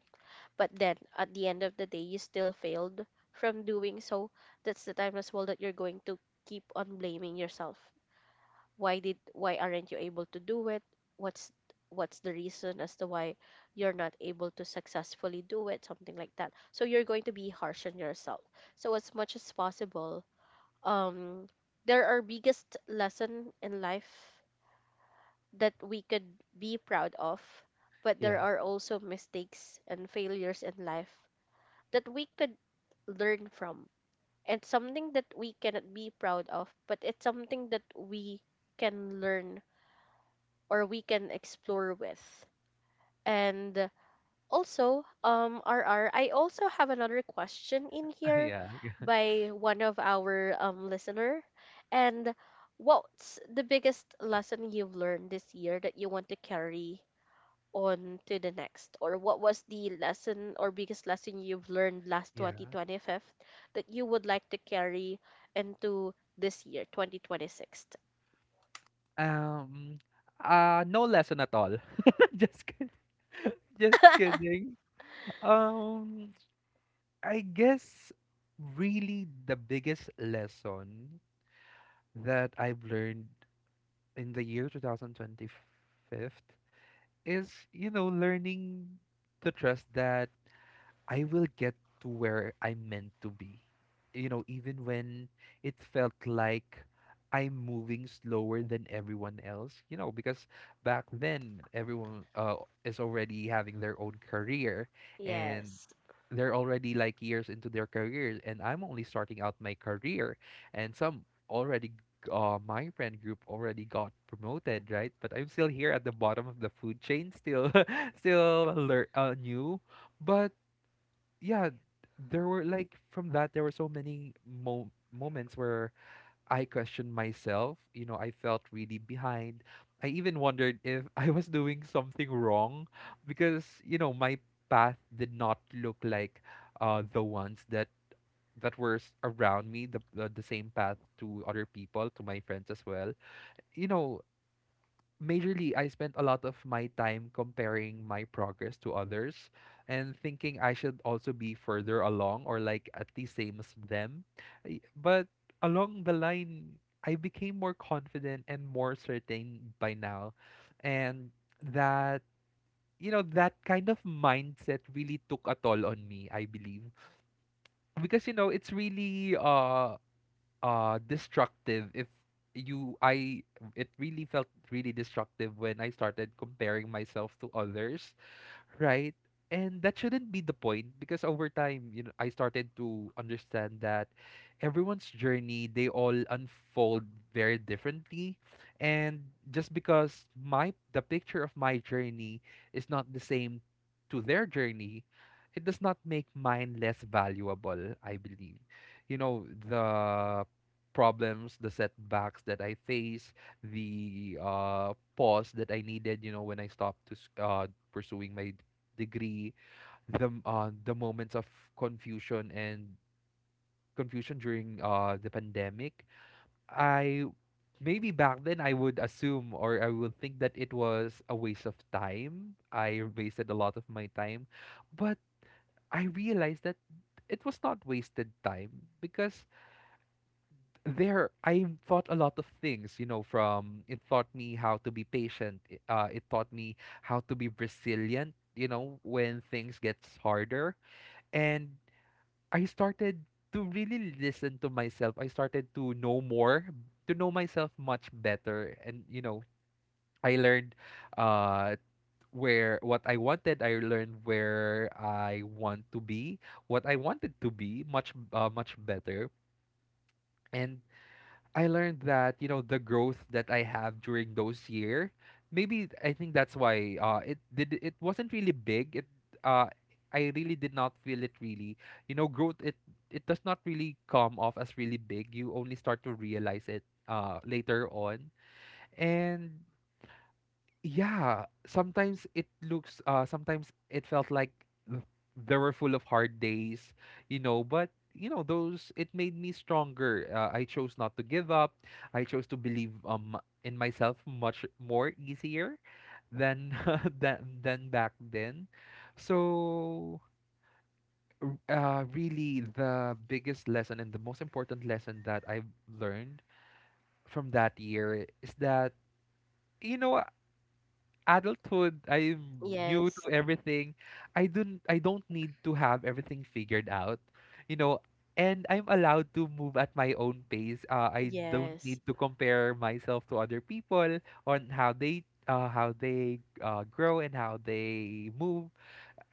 [SPEAKER 1] but then at the end of the day you still failed from doing so, that's the time as well that you're going to keep on blaming yourself. Why aren't you able to do it? what's what's the reason as to why you're not able to successfully do it, something like that? So you're going to be harsh on yourself. So as much as possible, um there are biggest lesson in life that we could be proud of, but there
[SPEAKER 2] Yeah.
[SPEAKER 1] are also mistakes and failures in life that we could learn from. It's something that we cannot be proud of, but it's something that we can learn or we can explore with. And also, RR, I also have another question in
[SPEAKER 2] (laughs)
[SPEAKER 1] here
[SPEAKER 2] Yeah. Yeah.
[SPEAKER 1] by one of our listener. And what's the biggest lesson you've learned this year that you want to carry on to the next? Or what was the lesson or biggest lesson you've learned last
[SPEAKER 2] Yeah.
[SPEAKER 1] 2025 that you would like to carry into this year, 2026?
[SPEAKER 2] Um no lesson at all. (laughs) Just kid- just kidding. Um I guess really the biggest lesson that I've learned in the year 2025 is, you know, learning to trust that I will get to where I'm meant to be. You know, even when it felt like I'm moving slower than everyone else, you know, because back then everyone, is already having their own career, and
[SPEAKER 1] Yes,
[SPEAKER 2] they're already, like, years into their careers, and I'm only starting out my career. And already my friend group already got promoted, right? But I'm still here at the bottom of the food chain, still (laughs) new. But yeah, there were like from that there were so many moments where I questioned myself. You know, I felt really behind. I even wondered if (laughs) I was doing something wrong, because, you know, my path did not look like, the ones that were, around me, the same path to other people, to my friends as well, you know, majorly I spent a lot of my time comparing my progress to others and thinking I should also be further along or like at the same as them. But along the line, I became more confident and more certain by now. And that you know, that kind of mindset really took a toll on me, I believe, because, you know, it's really, destructive. If you I It really felt really destructive when I started comparing myself to others, right? And that shouldn't be the point, because over time, you know, I started to understand that everyone's journey, they all unfold very differently. And just because my the picture of my journey is not the same to their journey, it does not make mine less valuable, I believe. You know, the problems, the setbacks that I face, the, pause that I needed, you know, when I stopped to, pursuing my degree, the, moments of confusion and confusion during, the pandemic. I maybe back then I would assume, or I would think that it was a waste of time. I wasted a lot of my time, but I realized that it was not wasted time, because there I thought a lot of things, you know, from it. Taught me how to be patient, it taught me how to be resilient, you know, when things gets harder. And I started to really listen to myself. I started to know more, to know myself much better. And, you know, I learned, uh where what I wanted. I learned where I want to be, what I wanted to be, much better. And I learned that, you know, the growth that I have during those year, maybe I think that's why, it wasn't really big. It uh I really did not feel it really. You know, growth, it does not really come off as really big. You only start to realize it later on. And yeah, sometimes it looks sometimes it felt like th- they were full of hard days, you know, but you know, those it made me stronger. I chose not to give up. I chose to believe in myself much more easier than (laughs) than back then. So, really the biggest lesson and the most important lesson that I've learned from that year is that you know adulthood, I'm new to
[SPEAKER 1] yes,
[SPEAKER 2] everything. I don't need to have everything figured out, you know. And I'm allowed to move at my own pace. I don't
[SPEAKER 1] yes.
[SPEAKER 2] need to compare myself to other people on how they grow and how they move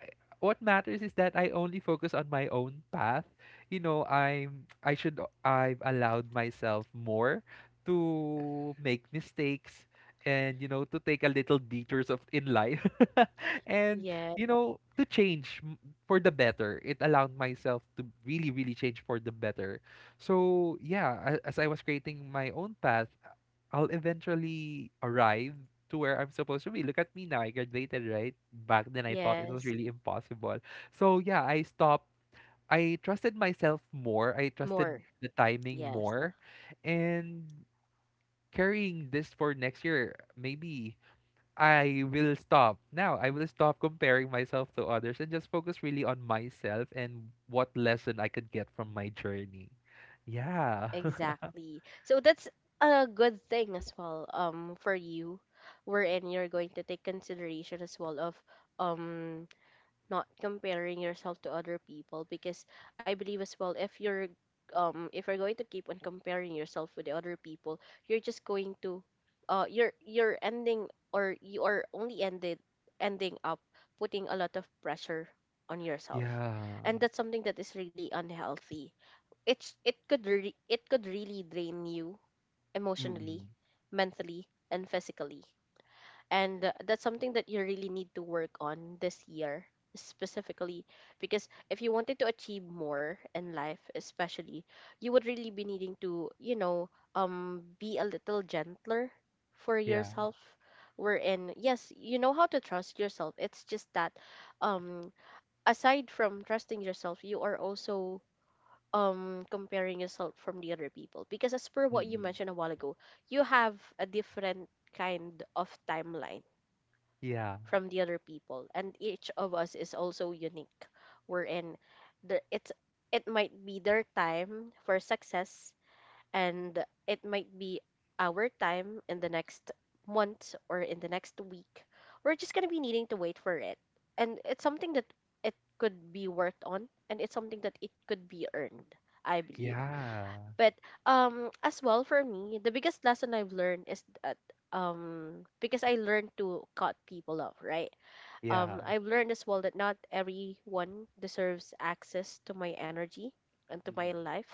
[SPEAKER 2] what matters is that I only focus on my own path. You know, I should I've allowed myself more to make mistakes and you know to take a little detours of in life (laughs) and
[SPEAKER 1] Yes.
[SPEAKER 2] you know to change for the better it allowed myself to really change for the better so yeah as I was creating my own path I'll eventually arrive to where I'm supposed to be. Look at me now. I graduated, right? Back then, I thought it was
[SPEAKER 1] Yes,
[SPEAKER 2] really impossible. So, yeah, I stopped. I trusted myself more. I trusted
[SPEAKER 1] more.
[SPEAKER 2] the timing
[SPEAKER 1] Yes,
[SPEAKER 2] more. And carrying this for next year, maybe I will stop. Now, I will stop comparing myself to others and just focus really on myself and what lesson I could get from my journey. Yeah. (laughs)
[SPEAKER 1] exactly. So that's a good thing as well for you, wherein you're going to take consideration as well of um not comparing yourself to other people. Because I believe as well, if you're if you're going to keep on comparing yourself with the other people, you're just going to you're you're ending, or you are only ended ending up putting a lot of pressure on yourself.
[SPEAKER 2] yeah.
[SPEAKER 1] And that's something that is really unhealthy. It's it could really drain you emotionally,
[SPEAKER 2] Mm-mm.
[SPEAKER 1] mentally, and physically. And that's something that you really need to work on this year specifically, because if you wanted to achieve more in life especially, you would really be needing to, you know, be a little gentler for
[SPEAKER 2] Yeah.
[SPEAKER 1] yourself, wherein yes, you know how to trust yourself. It's just that um aside from trusting yourself, you are also comparing yourself from the other people. Because as per what you
[SPEAKER 2] Mm-mm.
[SPEAKER 1] mentioned a while ago, you have a different kind of timeline
[SPEAKER 2] Yeah. Mhm.
[SPEAKER 1] from the other people, and each of us is also unique, we're in the it's it might be their time for success, and it might be our time in the next month or in the next week. We're just going to be needing to wait for it, and it's something that it could be worked on, and it's something that it could be earned, I believe.
[SPEAKER 2] Yeah.
[SPEAKER 1] But as well, for me, the biggest lesson I've learned is that, because I learned to cut people off, right?
[SPEAKER 2] Yeah.
[SPEAKER 1] I've learned as well that not everyone deserves access to my energy and to my life.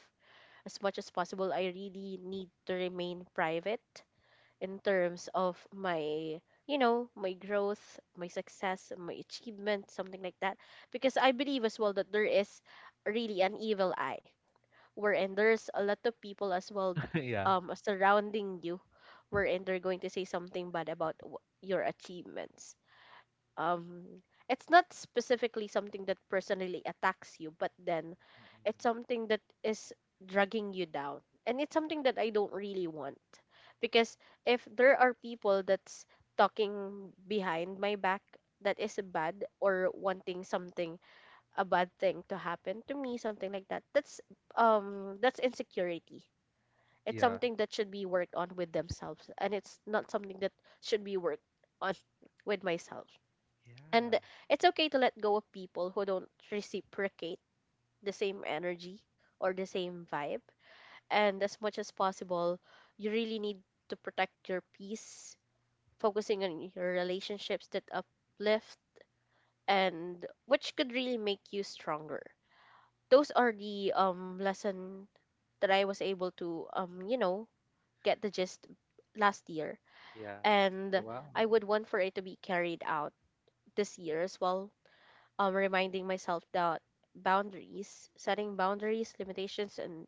[SPEAKER 1] As much as possible, I really need to remain private in terms of my, you know, my growth, my success, my achievement, something like that. Because I believe as well that there is really an evil eye, wherein there's a lot of people as well,
[SPEAKER 2] (laughs) Mhm. Yeah.
[SPEAKER 1] surrounding you, wherein they're going to say something bad about your achievements. um it's not specifically something that personally attacks you, but then
[SPEAKER 2] Mhm.
[SPEAKER 1] it's something that is dragging you down, and it's something that I don't really want. Because if there are people that's talking behind my back that is bad, or wanting something a bad thing to happen to me, something like that, that's insecurity. It's
[SPEAKER 2] Yeah.
[SPEAKER 1] something that should be worked on with themselves, and it's not something that should be worked on with myself.
[SPEAKER 2] Yeah.
[SPEAKER 1] And it's okay to let go of people who don't reciprocate the same energy or the same vibe. And as much as possible, you really need to protect your peace, focusing on your relationships that uplift and which could really make you stronger. Those are the lesson that I was able to, you know, get the gist last year.
[SPEAKER 2] Yeah.
[SPEAKER 1] And
[SPEAKER 2] Wow.
[SPEAKER 1] I would want for it to be carried out this year as well, reminding myself that boundaries, setting boundaries, limitations, and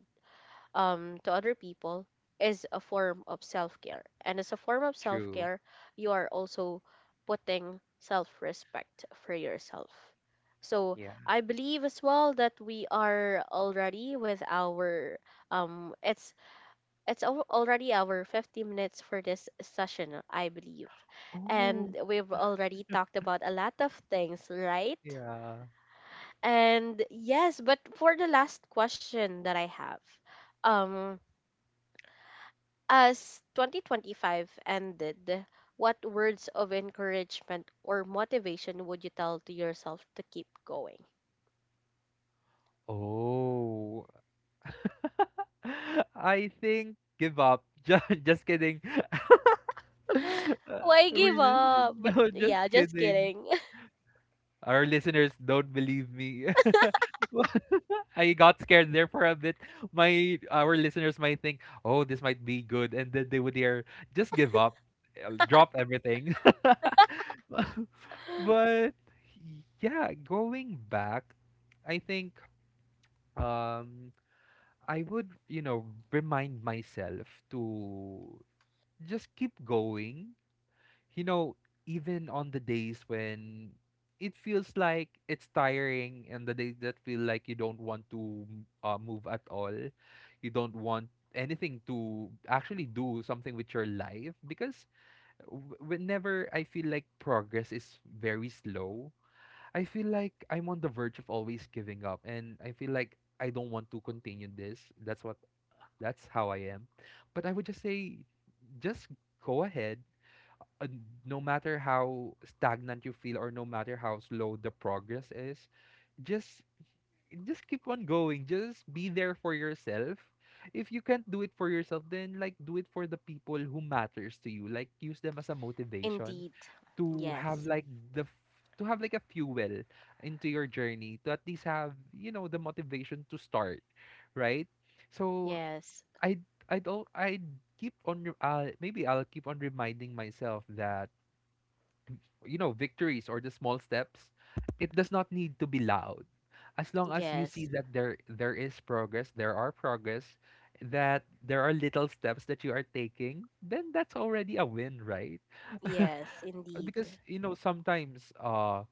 [SPEAKER 1] to other people, is a form of self care. And as a form of self
[SPEAKER 2] True.
[SPEAKER 1] care, you are also putting self respect for yourself. So
[SPEAKER 2] Yeah.
[SPEAKER 1] I believe as well that we are already with our um it's already our 50 minutes for this session, I believe,
[SPEAKER 2] Oh,
[SPEAKER 1] and we've already talked about a lot of things, right?
[SPEAKER 2] yeah.
[SPEAKER 1] And yes, but for the last question that I have, um, as 2025 ended, what words of encouragement or motivation would you tell to yourself to keep going? (gasps)
[SPEAKER 2] Oh. (laughs) I think give up. (laughs) Just kidding. (laughs)
[SPEAKER 1] (laughs) Why give
[SPEAKER 2] Really?
[SPEAKER 1] up? But
[SPEAKER 2] No, just
[SPEAKER 1] yeah, just
[SPEAKER 2] kidding.
[SPEAKER 1] kidding.
[SPEAKER 2] Our listeners don't believe me. (laughs) I got scared there for a bit. My Our listeners might think, "Oh, this might be good," and then they would hear, "Just give up, drop everything." (laughs)
[SPEAKER 1] (laughs)
[SPEAKER 2] But yeah, going back, I think um I would, you know, remind myself to just keep going, you know, even on the days when it feels like it's tiring and the days that feel like you don't want to move at all, you don't want anything to actually do something with your life because whenever I feel like progress is very slow, I feel like I'm on the verge of always giving up and I feel like I don't want to continue this. That's what that's how I am. But I would just say just go ahead, uh, no matter how stagnant you feel or no matter how slow the progress is just just keep on going just be there for yourself if you can't do it for yourself then like do it for the people who matters to you like use them as a motivation
[SPEAKER 1] Indeed.
[SPEAKER 2] to have
[SPEAKER 1] Yes.
[SPEAKER 2] like the f- to have like a fuel into your journey to at least have you know the motivation to start right so
[SPEAKER 1] Yes.
[SPEAKER 2] I I don't I keep on maybe I'll keep on reminding myself that you know, victories or the small steps, it does not need to be loud. As long as you see
[SPEAKER 1] Yes.
[SPEAKER 2] that there is progress, there are progress, that there are little steps that you are taking, then that's already a win, right? (laughs)
[SPEAKER 1] Yes,
[SPEAKER 2] Because
[SPEAKER 1] indeed.
[SPEAKER 2] you know sometimes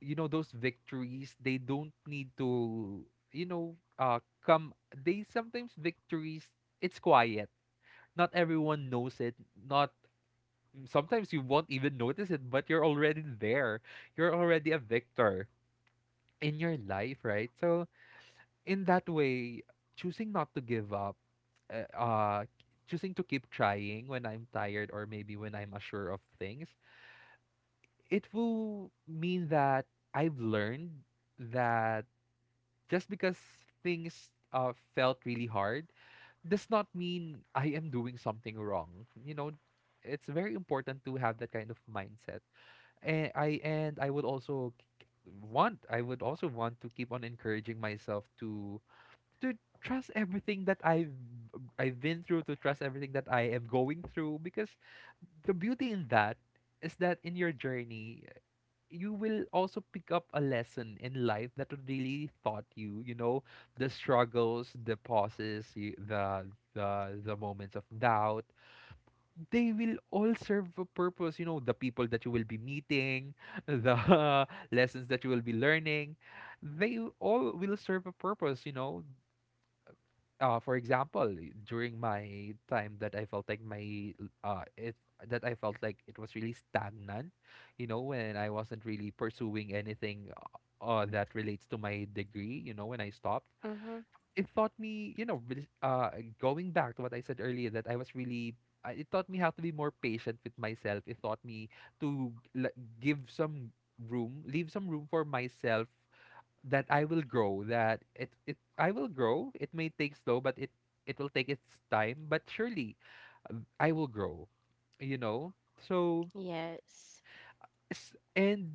[SPEAKER 2] you know those victories they don't need to you know come they sometimes victories it's quiet not everyone knows it not. Mm. Sometimes you won't even notice it, but you're already there. You're already a victor in your life, right? So, in that way, choosing not to give up, uh, uh, choosing to keep trying when I'm tired or maybe when I'm unsure of things, it will mean that I've learned that just because things felt really hard does not mean I am doing something wrong. You know, it's very important to have that kind of mindset and I would also k- want I would also want to keep on encouraging myself to trust everything that I've been through to trust everything that I am going through because the beauty in that is that in your journey you will also pick up a lesson in life that really taught you you know the struggles the pauses you, the moments of doubt they will all serve a purpose. You know, the people that you will be meeting, (laughs) the (laughs) lessons that you will be learning, they all will serve a purpose. You know, for example, during my time that I felt like my it that I felt like it was really stagnant. You know, when I wasn't really pursuing anything that relates to my degree. You know, when I stopped
[SPEAKER 1] Mm-hmm.
[SPEAKER 2] it taught me, you know, going back to what I said earlier, that I was really, it taught me how to be more patient with myself. It taught me to give some room, leave some room for myself that I will grow. I will grow. It may take slow, but it will take its time. But surely, uh, I will grow. You know, so
[SPEAKER 1] Yes.
[SPEAKER 2] Yes, and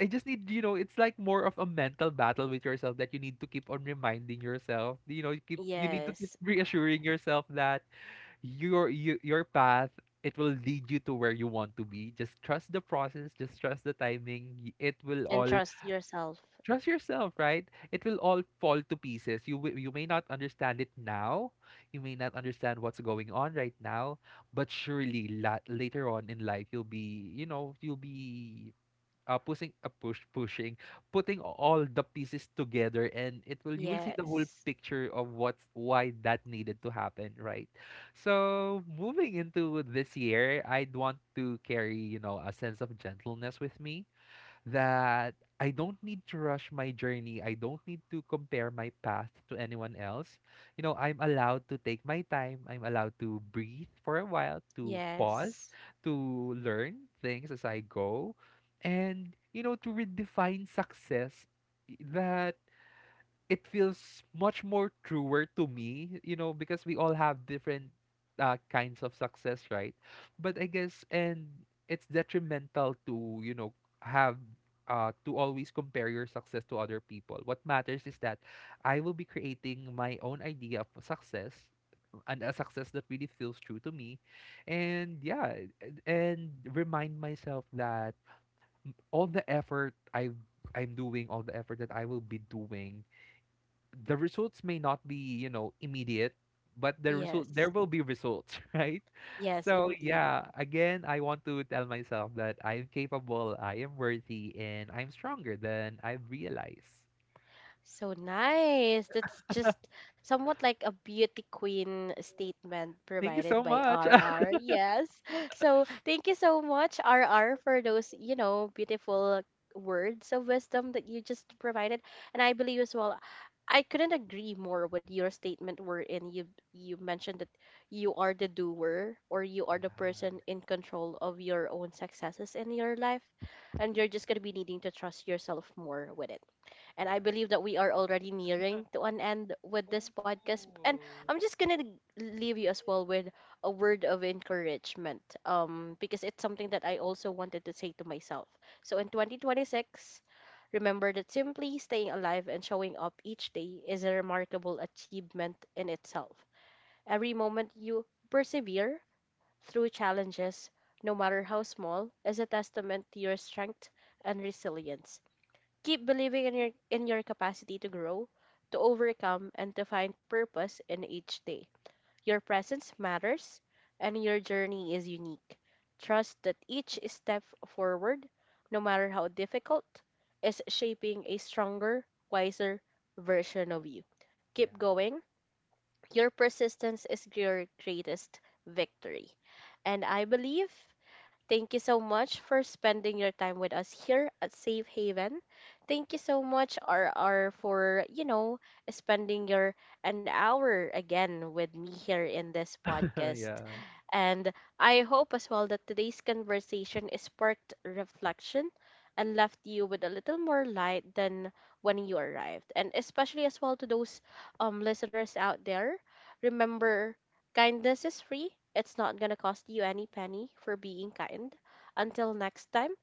[SPEAKER 2] I just need, you know, it's like more of a mental battle with yourself that you need to keep on reminding yourself. You know, you need to keep
[SPEAKER 1] Yes.
[SPEAKER 2] reassuring yourself that your path it will lead you to where you want to be. Just trust the process, just trust the timing. It will
[SPEAKER 1] And
[SPEAKER 2] all
[SPEAKER 1] trust yourself.
[SPEAKER 2] trust yourself, right? It will all fall to pieces. You may not understand it now. You may not understand what's going on right now, but surely later on in life you'll be, you know, you'll be pushing putting all the pieces together and it will you will see the whole
[SPEAKER 1] Yes.
[SPEAKER 2] picture of what's why that needed to happen right so moving into this year I'd want to carry you know a sense of gentleness with me that I don't need to rush my journey. I don't need to compare my path to anyone else. You know, I'm allowed to take my time. I'm allowed to breathe for a while, to pause,
[SPEAKER 1] Yes.
[SPEAKER 2] to learn things as I go, and, you know, to redefine success eh, that it feels much more truer to me, you know, because we all have different kinds of success, right? But I guess, and it's detrimental to, you know, have to always compare your success to other people. What matters is that I will be creating my own idea of success and a success that really feels true to me. And yeah, and remind myself that all the effort I I'm doing all the effort that I will be doing the results may not be, you know, immediate, but there
[SPEAKER 1] Yes.
[SPEAKER 2] will be results, (laughs) right?
[SPEAKER 1] Yes,
[SPEAKER 2] So
[SPEAKER 1] indeed.
[SPEAKER 2] yeah, again, I want to tell myself that I'm capable, I am worthy, and I'm stronger than I've realized.
[SPEAKER 1] So nice. That's just somewhat like a beauty queen statement
[SPEAKER 2] Thank you
[SPEAKER 1] provided
[SPEAKER 2] so
[SPEAKER 1] by
[SPEAKER 2] much.
[SPEAKER 1] R
[SPEAKER 2] (laughs)
[SPEAKER 1] R. Yes. (gasps) (laughs) So thank you so much, R R, for those, you know, beautiful words of wisdom that you just provided. And I believe as well, I couldn't agree more with your statement wherein you mentioned that you are the doer, or you are the person in control of your own successes in your life, and you're just gonna be needing to trust yourself more with it. And
[SPEAKER 2] Yeah,
[SPEAKER 1] I
[SPEAKER 2] yeah.
[SPEAKER 1] believe that we are already nearing to an end with this
[SPEAKER 2] Oh
[SPEAKER 1] podcast. And
[SPEAKER 2] no.
[SPEAKER 1] I'm just going to leave you as well with a word of encouragement, because it's something that I also wanted to say to myself. So in 2026, remember that simply staying alive and showing up each day is a remarkable achievement in itself. Every moment you persevere through challenges, no matter how small, is a testament to your strength and resilience. Keep believing in your capacity to grow, to overcome, and to find purpose in each day. Your presence matters and your journey is unique. Trust that each step forward, no matter how difficult, is shaping a stronger, wiser version of you.
[SPEAKER 2] Yeah.
[SPEAKER 1] Keep going. Your persistence is your greatest victory. And I believe thank you so much for spending your time with us here at Safe Haven. Thank you so much, RR, for, you know, spending your an hour again with me here in this
[SPEAKER 2] (laughs)
[SPEAKER 1] podcast.
[SPEAKER 2] yeah.
[SPEAKER 1] And I hope as well that today's conversation is sparked reflection and left you with a little more light than when you arrived. And especially as well to those listeners out there, remember, kindness is free. It's not gonna cost you any penny for being kind. Until next time,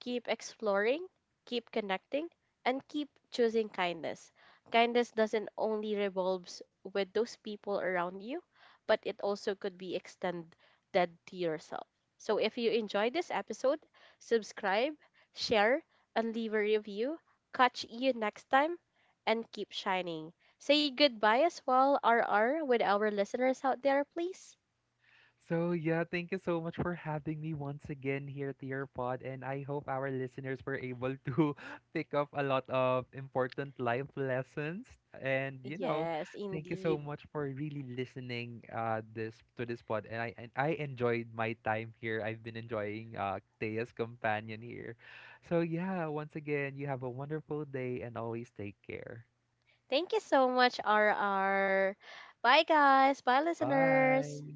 [SPEAKER 1] keep exploring, keep connecting, and keep choosing kindness. Kindness doesn't only revolves with those people around you, but it also could be extended to yourself. So if you enjoyed this episode, subscribe, share, and leave a review. Catch you next time and keep shining. Say goodbye as well, R R, with our listeners out there, please.
[SPEAKER 2] So yeah, thank you so much for having me once again here to your pod, and I hope our listeners were able to (laughs) pick up a lot of important life lessons. And you know,
[SPEAKER 1] Yes,
[SPEAKER 2] thank you
[SPEAKER 1] indeed.
[SPEAKER 2] so much for really listening this to this pod. And I enjoyed my time here. I've been enjoying Thea's companion here. So yeah, once again, you have a wonderful day and always take care.
[SPEAKER 1] Thank you so much, RR. Bye, guys. Bye, listeners.
[SPEAKER 2] Bye.